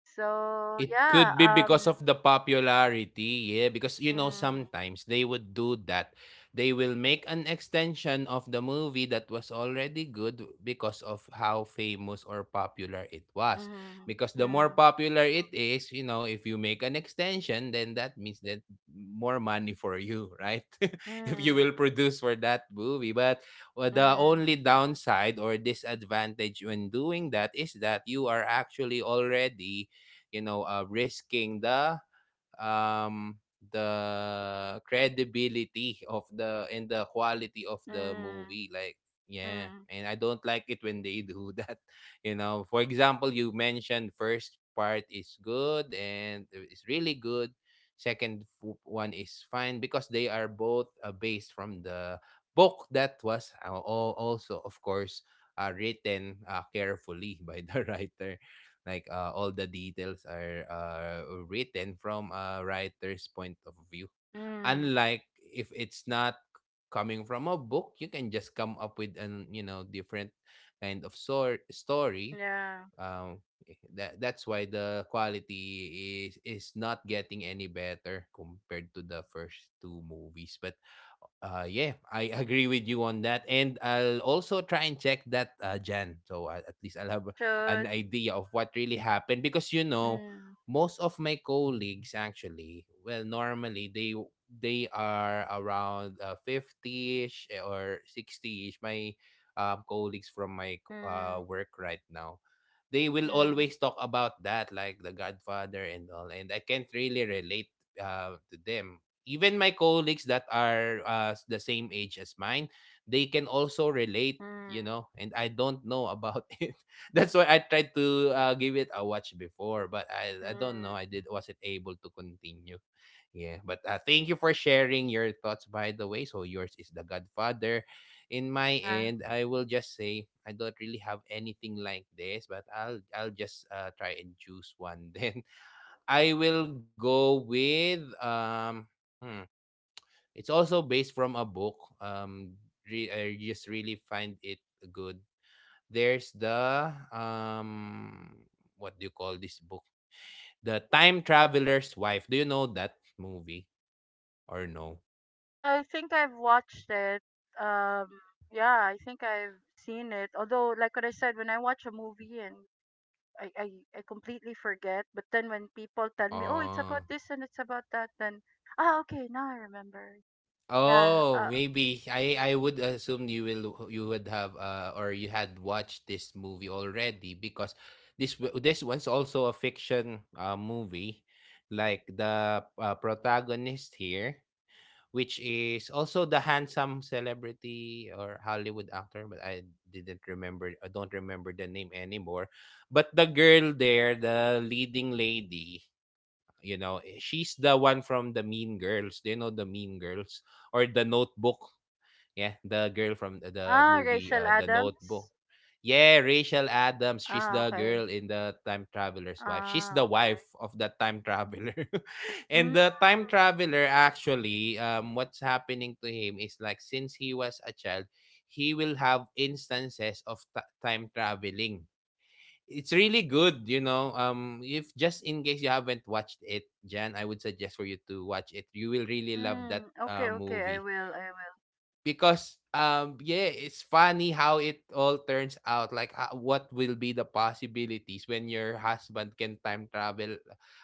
Speaker 2: So
Speaker 1: It could
Speaker 2: yeah,
Speaker 1: be because of the popularity, yeah. Because you know,
Speaker 2: mm,
Speaker 1: sometimes they would do that. They will make an extension of the movie that was already good because of how famous or popular it was.
Speaker 2: mm,
Speaker 1: Because the more
Speaker 2: mm,
Speaker 1: popular it is, you know, if you make an extension, then that means that more money for you, right? If you will
Speaker 2: mm,
Speaker 1: produce for that movie. But well, the
Speaker 2: mm,
Speaker 1: only downside or disadvantage when doing that is that you are actually already you know risking um the credibility of the and the quality of the
Speaker 2: mm,
Speaker 1: movie. Like yeah,
Speaker 2: mm,
Speaker 1: and I don't like it when they do that. You know, for example, you mentioned first part is good and it's really good, second one is fine because they are both based from the book that was also of course written carefully by the writer. Like all the details are written from a writer's point of view.
Speaker 2: mm,
Speaker 1: Unlike if it's not coming from a book, you can just come up with an you know different kind of story,
Speaker 2: yeah,
Speaker 1: that that's why the quality is not getting any better compared to the first two movies. But yeah, I agree with you on that, and I'll also try and check that, Jan. So at least I'll
Speaker 2: I
Speaker 1: have an
Speaker 2: should,
Speaker 1: idea of what really happened because you know,
Speaker 2: mm,
Speaker 1: most of my colleagues actually, well, normally they are around 50ish or 60ish. My colleagues from my
Speaker 2: mm,
Speaker 1: work right now they will
Speaker 2: mm,
Speaker 1: always talk about that, like The Godfather and all. And I can't really relate to them. Even my colleagues that are the same age as mine, they can also relate,
Speaker 2: mm,
Speaker 1: you know, and I don't know about it. That's why I tried to give it a watch before, but I don't know. I
Speaker 2: mm,
Speaker 1: did Wasn't able to continue. Yeah, but thank you for sharing your thoughts, by the way. So yours is The Godfather. In my
Speaker 2: yeah.
Speaker 1: end, I will just say I don't really have anything like this, but I'll just try and choose one. Then I will go with. Hmm, it's also based from a book. Um, I just really find it good. There's the what do you call this book? The Time Traveler's Wife. Do you know that movie or no?
Speaker 2: I think I've watched it. Um, yeah, I think I've seen it. Although, like what I said, when I watch a movie and I, I I completely forget. But then when people tell me, oh, it's
Speaker 1: Oh.
Speaker 2: about this and it's about that, then ah, okay, now I remember. Yeah.
Speaker 1: Oh, maybe I would assume you would have or you had watched this movie already because this this one's also a fiction movie, like the protagonist here, which is also the handsome celebrity or Hollywood actor, but I didn't remember. I don't remember the name anymore, but the girl there, the leading lady, you know, she's the one from the Mean Girls. Do you know the Mean Girls or the Notebook? Yeah, the girl from the
Speaker 2: Ah,
Speaker 1: movie,
Speaker 2: Rachel
Speaker 1: The Notebook.
Speaker 2: Adams.
Speaker 1: Yeah, Rachel Adams. She's
Speaker 2: Ah,
Speaker 1: the
Speaker 2: okay.
Speaker 1: girl in the time traveler's wife. She's
Speaker 2: Ah,
Speaker 1: the wife
Speaker 2: okay.
Speaker 1: of the time traveler. And
Speaker 2: Mm,
Speaker 1: the time traveler actually what's happening to him is like since he was a child, he will have instances of time traveling. It's really good, you know. If just in case you haven't watched it, Jan, I would suggest for you to watch it. You will really love that
Speaker 2: mm, okay, okay. I
Speaker 1: movie.
Speaker 2: will. I will.
Speaker 1: Because yeah, it's funny how it all turns out, like what will be the possibilities when your husband can time travel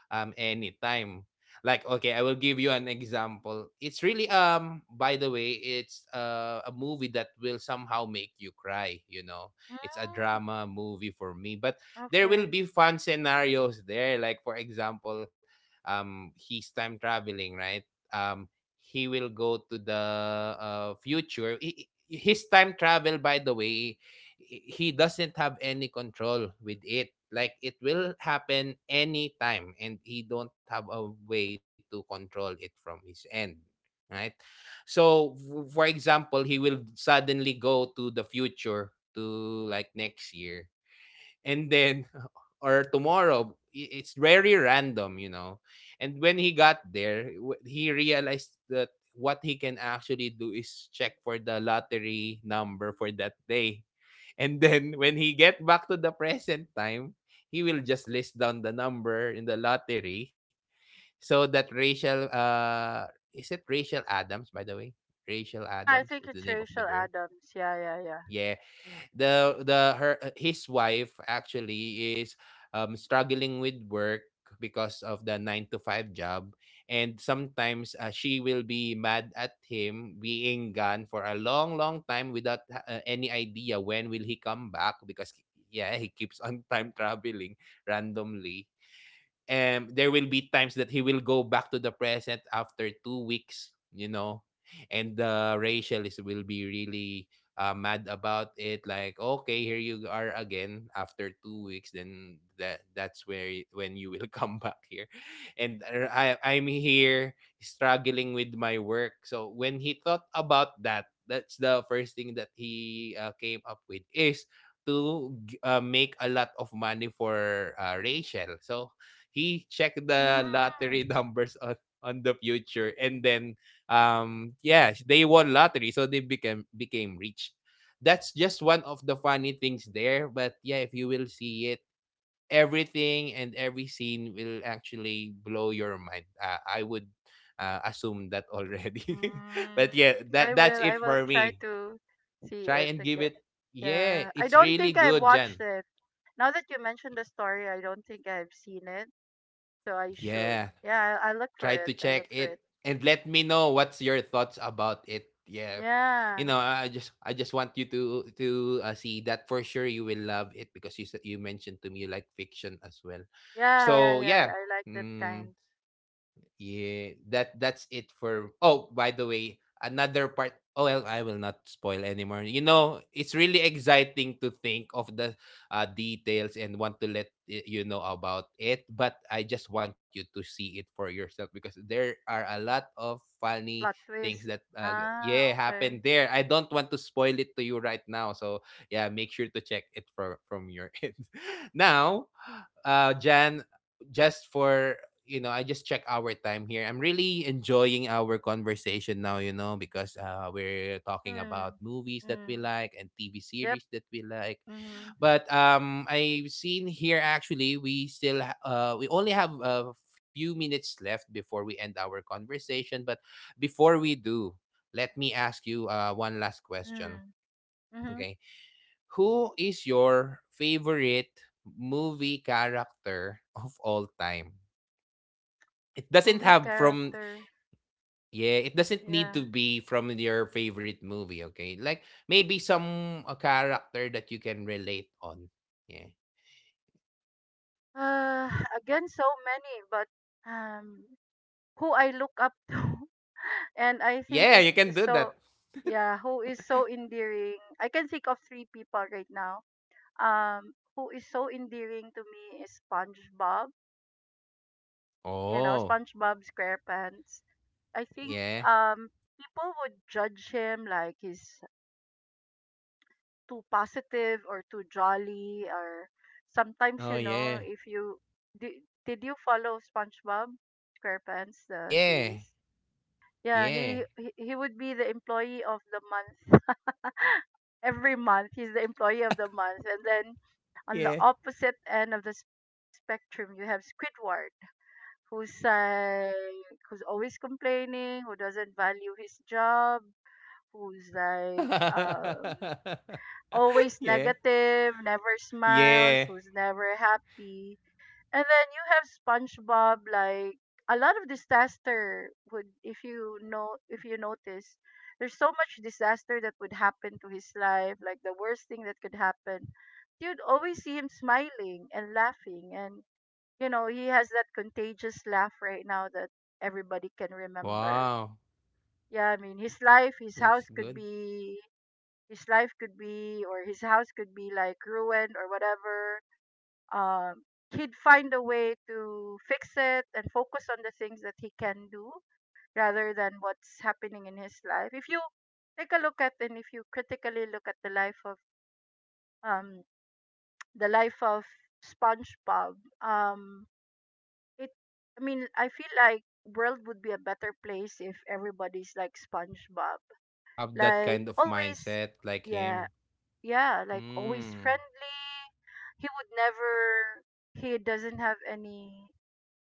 Speaker 1: anytime. Like okay, I will give you an example. It's really by the way, it's a movie that will somehow make you cry. It's a
Speaker 2: Mm,
Speaker 1: drama movie for me, but there will
Speaker 2: okay.
Speaker 1: be fun scenarios there, like for example, he's time traveling, right? um he will go to the future. His time travel, by the way, he doesn't have any control with it. Like it will happen anytime, and he don't have a way to control it from his end, right? So, for example, he will suddenly go to the future to, like, next year, and then or tomorrow. It's very random, you know. And when he got there, he realized that what he can actually do is check for the lottery number for that day. and then when he get back to the present time, he will just list down the number in the lottery so that Rachel, is it Rachel Adams, by the way? Rachel
Speaker 2: Yeah, I
Speaker 1: Adams
Speaker 2: think
Speaker 1: is the
Speaker 2: it's
Speaker 1: name of the
Speaker 2: Rachel
Speaker 1: girl.
Speaker 2: Adams. Yeah, yeah, yeah.
Speaker 1: Yeah, the her his wife actually is struggling with work because of the 9 to 5 job. And sometimes she will be mad at him being gone for a long long time without any idea when will he come back, because yeah, he keeps on time traveling randomly. There will be times that he will go back to the present after 2 weeks, you know. And Rachel is will be really mad about it, like okay, here you are again after 2 weeks, then that's where when you will come back here. And uh, I'm here struggling with my work. So when he thought about that, that's the first thing that he came up with is to make a lot of money for Rachel. So he checked
Speaker 2: Mm,
Speaker 1: the lottery numbers on the future. And then yeah, they won lottery, so they became rich. That's just one of the funny things there. But yeah, if you will see it, everything and every scene will actually blow your mind. I would assume that already,
Speaker 2: mm,
Speaker 1: but yeah,
Speaker 2: I
Speaker 1: that's
Speaker 2: will. I
Speaker 1: it
Speaker 2: will
Speaker 1: for
Speaker 2: try
Speaker 1: me.
Speaker 2: to see
Speaker 1: Try
Speaker 2: it
Speaker 1: and give
Speaker 2: again.
Speaker 1: it. Yeah,
Speaker 2: Yeah, I
Speaker 1: it's
Speaker 2: don't
Speaker 1: really
Speaker 2: think I've
Speaker 1: good,
Speaker 2: watched
Speaker 1: Jan.
Speaker 2: it. Now that you mentioned the story, I don't think I've seen it, so I should.
Speaker 1: Yeah.
Speaker 2: Yeah, I look for
Speaker 1: Try
Speaker 2: it.
Speaker 1: to
Speaker 2: I
Speaker 1: check
Speaker 2: look for
Speaker 1: it
Speaker 2: it.
Speaker 1: and let me know what's your thoughts about it. Yeah. You
Speaker 2: Yeah,
Speaker 1: know, I just want you to see that. For sure you will love it because you mentioned to me you like fiction as well.
Speaker 2: yeah, yeah,
Speaker 1: So,
Speaker 2: yeah. I
Speaker 1: yeah.
Speaker 2: like that kind,
Speaker 1: Mm. Yeah, that's it for. Oh, by the way, another part. Oh well, I will not spoil anymore. You know, it's really exciting to think of the details and want to let you know about it. But I just want you to see it for yourself, because there are a lot of
Speaker 2: plot
Speaker 1: funny things
Speaker 2: twist.
Speaker 1: that
Speaker 2: Ah,
Speaker 1: yeah,
Speaker 2: okay.
Speaker 1: happened there. I don't want to spoil it to you right now. So yeah, make sure to check it from your end. Now, Jan, just for, you know, I just check our time here. I'm really enjoying our conversation now, you know, because we're talking about
Speaker 2: Mm.
Speaker 1: movies that we
Speaker 2: Mm.
Speaker 1: like and TV
Speaker 2: Yep.
Speaker 1: series that we like.
Speaker 2: Mm.
Speaker 1: But I've seen here actually we still we only have a few minutes left before we end our conversation. But before we do, let me ask you one last question.
Speaker 2: Mm. Mm.
Speaker 1: Okay, who is your favorite movie character of all time? It doesn't
Speaker 2: Movie
Speaker 1: have from.
Speaker 2: character.
Speaker 1: Yeah, it doesn't need
Speaker 2: Yeah.
Speaker 1: to be from your favorite movie, okay? Like maybe some a character that you can relate on. Yeah.
Speaker 2: Uh, Again, so many, but um, who I look up to, and I think
Speaker 1: Yeah, you can
Speaker 2: is
Speaker 1: do that.
Speaker 2: so, yeah, who is so endearing. I can think of three people right now who is so endearing to me is SpongeBob. You know,
Speaker 1: Oh,
Speaker 2: SpongeBob SquarePants. I think
Speaker 1: yeah.
Speaker 2: um, people would judge him like he's too positive or too jolly, or sometimes,
Speaker 1: Oh,
Speaker 2: you
Speaker 1: yeah.
Speaker 2: know, if you did, did you follow SpongeBob SquarePants the
Speaker 1: Yeah.
Speaker 2: series? Yeah,
Speaker 1: Yeah.
Speaker 2: he would be the employee of the month. Every month, he's the employee of the month. And then on the
Speaker 1: Yeah.
Speaker 2: opposite end of the spectrum, you have Squidward, who's, who's always complaining, who doesn't value his job, who's like, always
Speaker 1: yeah.
Speaker 2: negative, never smiles,
Speaker 1: Yeah.
Speaker 2: who's never happy. And then you have SpongeBob, like, a lot of disaster would, if you know, if you notice, there's so much disaster that would happen to his life, like the worst thing that could happen. You'd always see him smiling and laughing, and you know, he has that contagious laugh right now that everybody can remember.
Speaker 1: Wow.
Speaker 2: Yeah, I mean his life, his house
Speaker 1: That's
Speaker 2: could
Speaker 1: good.
Speaker 2: be, his life could be or his house could be like ruined or whatever, um, he'd find a way to fix it and focus on the things that he can do rather than what's happening in his life. If you take a look at and if you critically look at the life of, um, the life of SpongeBob, um, it, I mean, I feel like world would be a better place if everybody's like SpongeBob,
Speaker 1: Have that
Speaker 2: like
Speaker 1: kind of
Speaker 2: always,
Speaker 1: mindset like
Speaker 2: yeah,
Speaker 1: him.
Speaker 2: yeah, like always
Speaker 1: Hmm.
Speaker 2: friendly. He would never, he doesn't have any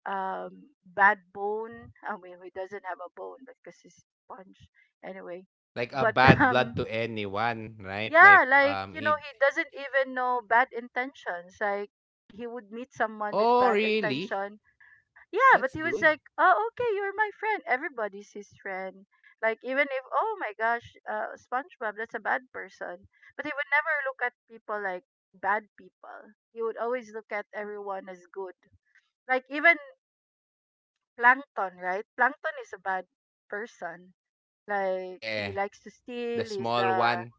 Speaker 2: bad bone. I mean, he doesn't have a bone, but because he's sponge anyway.
Speaker 1: Like a
Speaker 2: But
Speaker 1: bad blood to anyone, right?
Speaker 2: yeah,
Speaker 1: Like
Speaker 2: like, you know,
Speaker 1: it.
Speaker 2: he doesn't even know bad intentions. Like he would meet someone with
Speaker 1: Oh,
Speaker 2: bad
Speaker 1: really?
Speaker 2: intention. Yeah, but
Speaker 1: That's
Speaker 2: he was
Speaker 1: good.
Speaker 2: like, oh, okay, you're my friend. Everybody's his friend. Like, even if, oh my gosh, SpongeBob, that's a bad person. But he would never look at people like bad people. He would always look at everyone as good, like even Plankton, right? Plankton is a bad person. Like, he
Speaker 1: Yeah,
Speaker 2: likes to
Speaker 1: the
Speaker 2: steal. He's
Speaker 1: small
Speaker 2: the,
Speaker 1: one.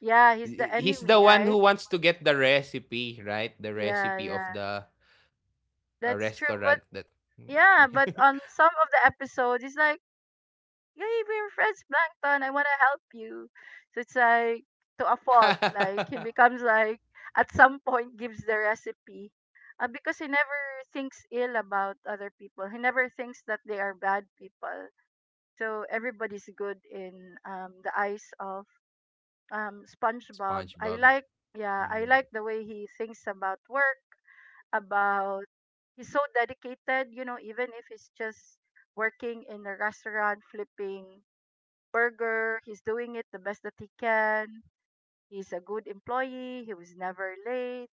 Speaker 2: yeah, he's the
Speaker 1: He's
Speaker 2: enemy,
Speaker 1: the one who
Speaker 2: right?
Speaker 1: wants to get the recipe, right? The
Speaker 2: Yeah,
Speaker 1: recipe of
Speaker 2: yeah.
Speaker 1: the
Speaker 2: That's true. But
Speaker 1: restaurant that.
Speaker 2: yeah, but on some of the episodes, it's like, hey, we're friends, Plankton. I wanna help you. So it's like, to a fault. Like, he becomes like at some point gives the recipe. Because he never thinks ill about other people. He never thinks that they are bad people. So everybody's good in, the eyes of, SpongeBob. I
Speaker 1: SpongeBob.
Speaker 2: like, yeah, I
Speaker 1: Mm,
Speaker 2: like the way he thinks about work, about, he's so dedicated, you know, even if he's just working in a restaurant flipping burger, he's doing it the best that he can. He's a good employee, he was never late.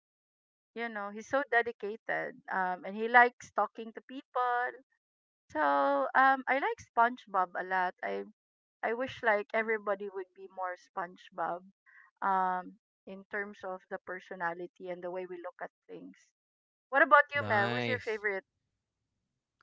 Speaker 2: You know, he's so dedicated, and he likes talking to people. So, I like SpongeBob a lot. I wish like everybody would be more SpongeBob um in terms of the personality and the way we look at things. What about you, Mel? Who's your
Speaker 1: nice.
Speaker 2: favorite?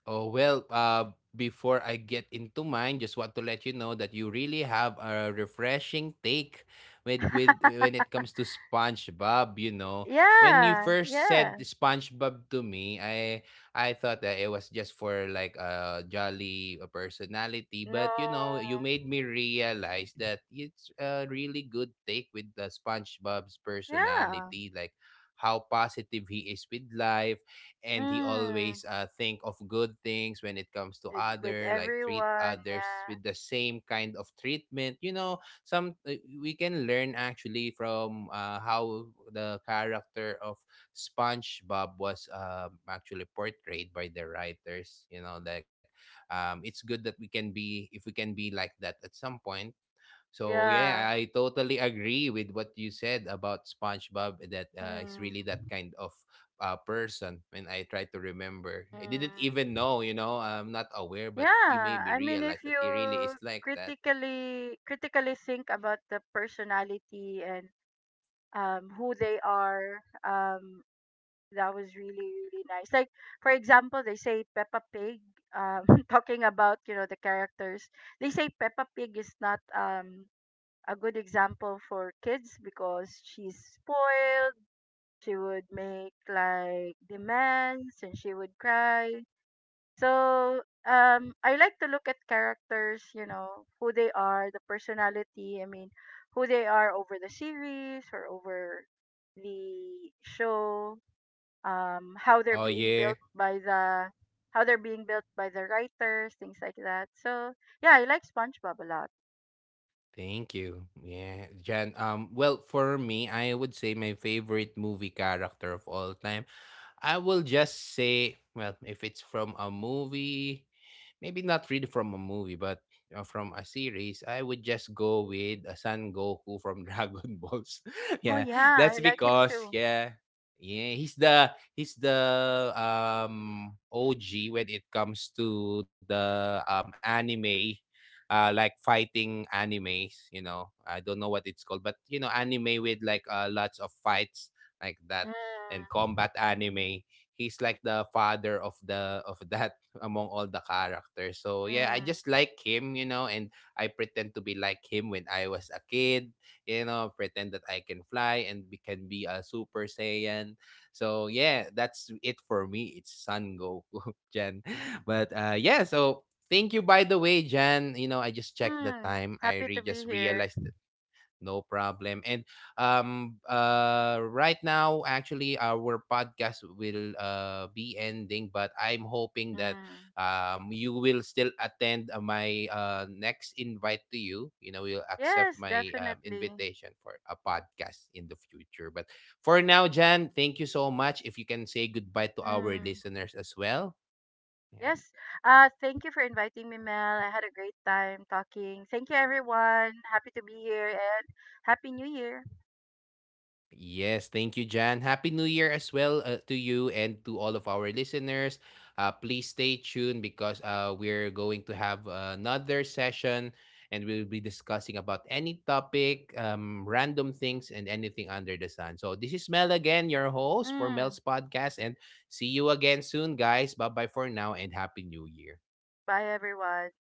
Speaker 1: Oh, well, before I get into mine, just want to let you know that you really have a refreshing take with when it comes to SpongeBob, you know. When you
Speaker 2: Yeah,
Speaker 1: first
Speaker 2: yeah.
Speaker 1: said SpongeBob to me, I thought that it was just for like a jolly personality,
Speaker 2: No.
Speaker 1: but you know, you made me realize that it's a really good take with the SpongeBob's
Speaker 2: Yeah.
Speaker 1: personality, like how positive he is with life, and he
Speaker 2: Mm.
Speaker 1: always think of good things when it comes to
Speaker 2: With
Speaker 1: other, like treat
Speaker 2: everyone,
Speaker 1: others
Speaker 2: yeah.
Speaker 1: with the same kind of treatment, you know. Some we can learn actually from how the character of SpongeBob was actually portrayed by the writers, you know, like it's good that we can be, if we can be like that at some point. So yeah,
Speaker 2: Yeah.
Speaker 1: I totally agree with what you said about SpongeBob, that he's
Speaker 2: Mm.
Speaker 1: really that kind of person. When I try to remember, I didn't
Speaker 2: Mm.
Speaker 1: even know. You know, I'm not aware, but you made
Speaker 2: Yeah,
Speaker 1: me
Speaker 2: I mean,
Speaker 1: realize
Speaker 2: if
Speaker 1: that
Speaker 2: you
Speaker 1: he really is like that.
Speaker 2: critically think about the personality and who they are, that was really, really nice. Like, for example, they say Peppa Pig, um, talking about, you know, the characters. They say Peppa Pig is not a good example for kids because she's spoiled, she would make like demands and she would cry. So, I like to look at characters, you know, who they are, the personality, I mean, who they are over the series or over the show, how they're
Speaker 1: Oh
Speaker 2: being
Speaker 1: yeah,
Speaker 2: built by the, how they're being built by the writers, things like that. So yeah, I like SpongeBob a lot.
Speaker 1: thank you. Yeah, Jan. Well, for me, I would say my favorite movie character of all time. I will just say, well, if it's from a movie, maybe not really from a movie, but you know, from a series, I would just go with a Son Goku from Dragon Balls.
Speaker 2: Oh
Speaker 1: Yeah,
Speaker 2: yeah, I
Speaker 1: that's
Speaker 2: like him
Speaker 1: because
Speaker 2: too.
Speaker 1: yeah, yeah, he's the OG when it comes to the anime. Like fighting animes, you know. I don't know what it's called, but you know, anime with like lots of fights like that and
Speaker 2: Mm,
Speaker 1: combat anime. He's like the father of the of that, among all the characters. So yeah, I just
Speaker 2: mm,
Speaker 1: like him, you know. And I pretend to be like him when I was a kid, you know, pretend that I can fly and be, can be a Super Saiyan. So yeah, that's it for me. It's Son Goku, Jan. But yeah, so thank you by the way, Jan. You know, I just checked the
Speaker 2: mm.
Speaker 1: time. I
Speaker 2: Happy to be
Speaker 1: just
Speaker 2: here.
Speaker 1: realized. No problem. And right now actually our podcast will be ending, but I'm hoping that
Speaker 2: Mm.
Speaker 1: you will still attend my next invite to you. You know, you'll accept
Speaker 2: Yes,
Speaker 1: my
Speaker 2: definitely.
Speaker 1: invitation for a podcast in the future. But for now, Jan, thank you so much. If you can say goodbye to our
Speaker 2: Mm.
Speaker 1: listeners as well. Yeah.
Speaker 2: Yes. Thank you for inviting me, Mel. I had a great time talking. Thank you, everyone. Happy to be here, and happy New Year.
Speaker 1: Yes, thank you, Jan. Happy New Year as well to you and to all of our listeners. Please stay tuned, because we're going to have another session, and we'll be discussing about any topic, random things, and anything under the sun. So, this is Mel again, your host for
Speaker 2: Mm.
Speaker 1: Mel's podcast, and see you again soon, guys. Bye bye for now and Happy New Year.
Speaker 2: Bye, everyone.